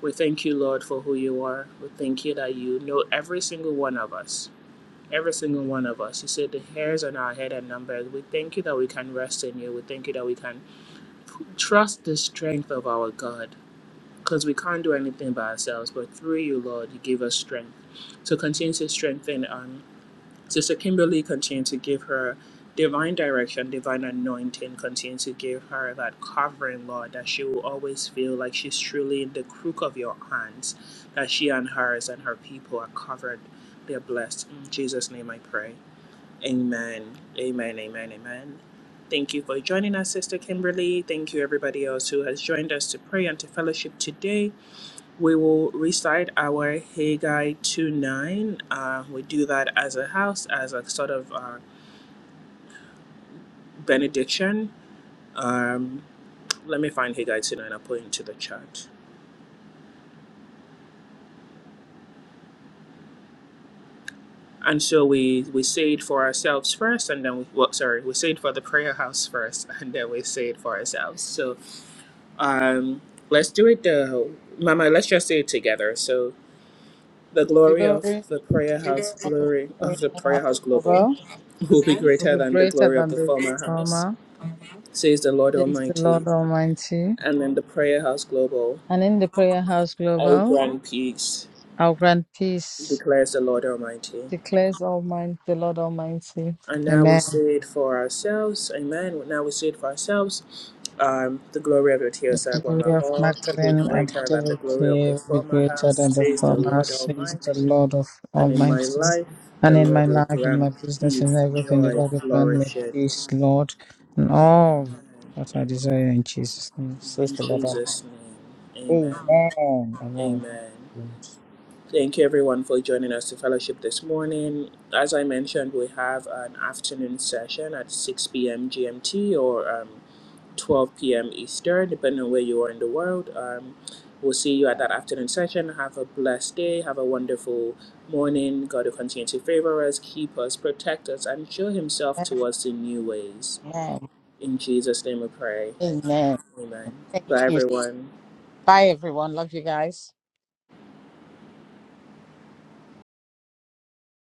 We thank you, Lord, for who you are. We thank you that you know every single one of us. Every single one of us. You said the hairs on our head are numbered. We thank you that we can rest in you. We thank you that we can trust the strength of our God. Because we can't do anything by ourselves, but through you, Lord, you give us strength. So continue to strengthen us Sister Kimberly continued to give her divine direction, divine anointing, continue to give her that covering, Lord, that she will always feel like she's truly in the crook of your hands, that she and hers and her people are covered. They're blessed. In Jesus' name I pray. Amen. Amen. Amen. Amen. Thank you for joining us, Sister Kimberly. Thank you, everybody else who has joined us to pray and to fellowship today. We will recite our Haggai 2 9. Uh, we do that as a house, as a sort of uh, benediction. Um, let me find Haggai 2 9, I'll put it into the chat. And so we, we say it for ourselves first, and then we, well, sorry, we say it for the prayer house first, and then we say it for ourselves. So um, let's do it, uh, Mama, let's just say it together. So. The glory of Glory the prayer house, of the glory prayer of the prayer of house global, Baba, will be of greater the than the greater glory of than the the former house, former, says the Lord says the Almighty. Lord Almighty. And in the prayer house global, And in the prayer house I will global, grant peace, I'll grant peace, declares the Lord Almighty. declares Almighty the Lord Almighty. And now we Amen. say it for ourselves, amen. Now we say it for ourselves. Um, the glory of the The Teosagwan glory of Lahore will be Magdalene and greater than the glory of Devotee the will be former greater house, than the says the former, Lord says the Almighty. Lord of and in my Almighty. life the And in my Lord will life, in grant my business, in peace, everything, the joy, Lord will grant me flourishing. peace, Lord, and all Amen. that I desire in Amen. Jesus' name, says In the Lord of Jesus' name, amen. Amen. Amen. Amen. Thank you, everyone, for joining us to fellowship this morning. As I mentioned, we have an afternoon session at 6 p.m. GMT or um, 12 p.m. Eastern, depending on where you are in the world. Um, we'll see you at that afternoon session. Have a blessed day. Have a wonderful morning. God will continue to favor us, keep us, protect us, and show Himself to us in new ways. Amen. In Jesus' name we pray. Amen. Amen. Thank Bye, you. everyone. Bye, everyone. Love you guys.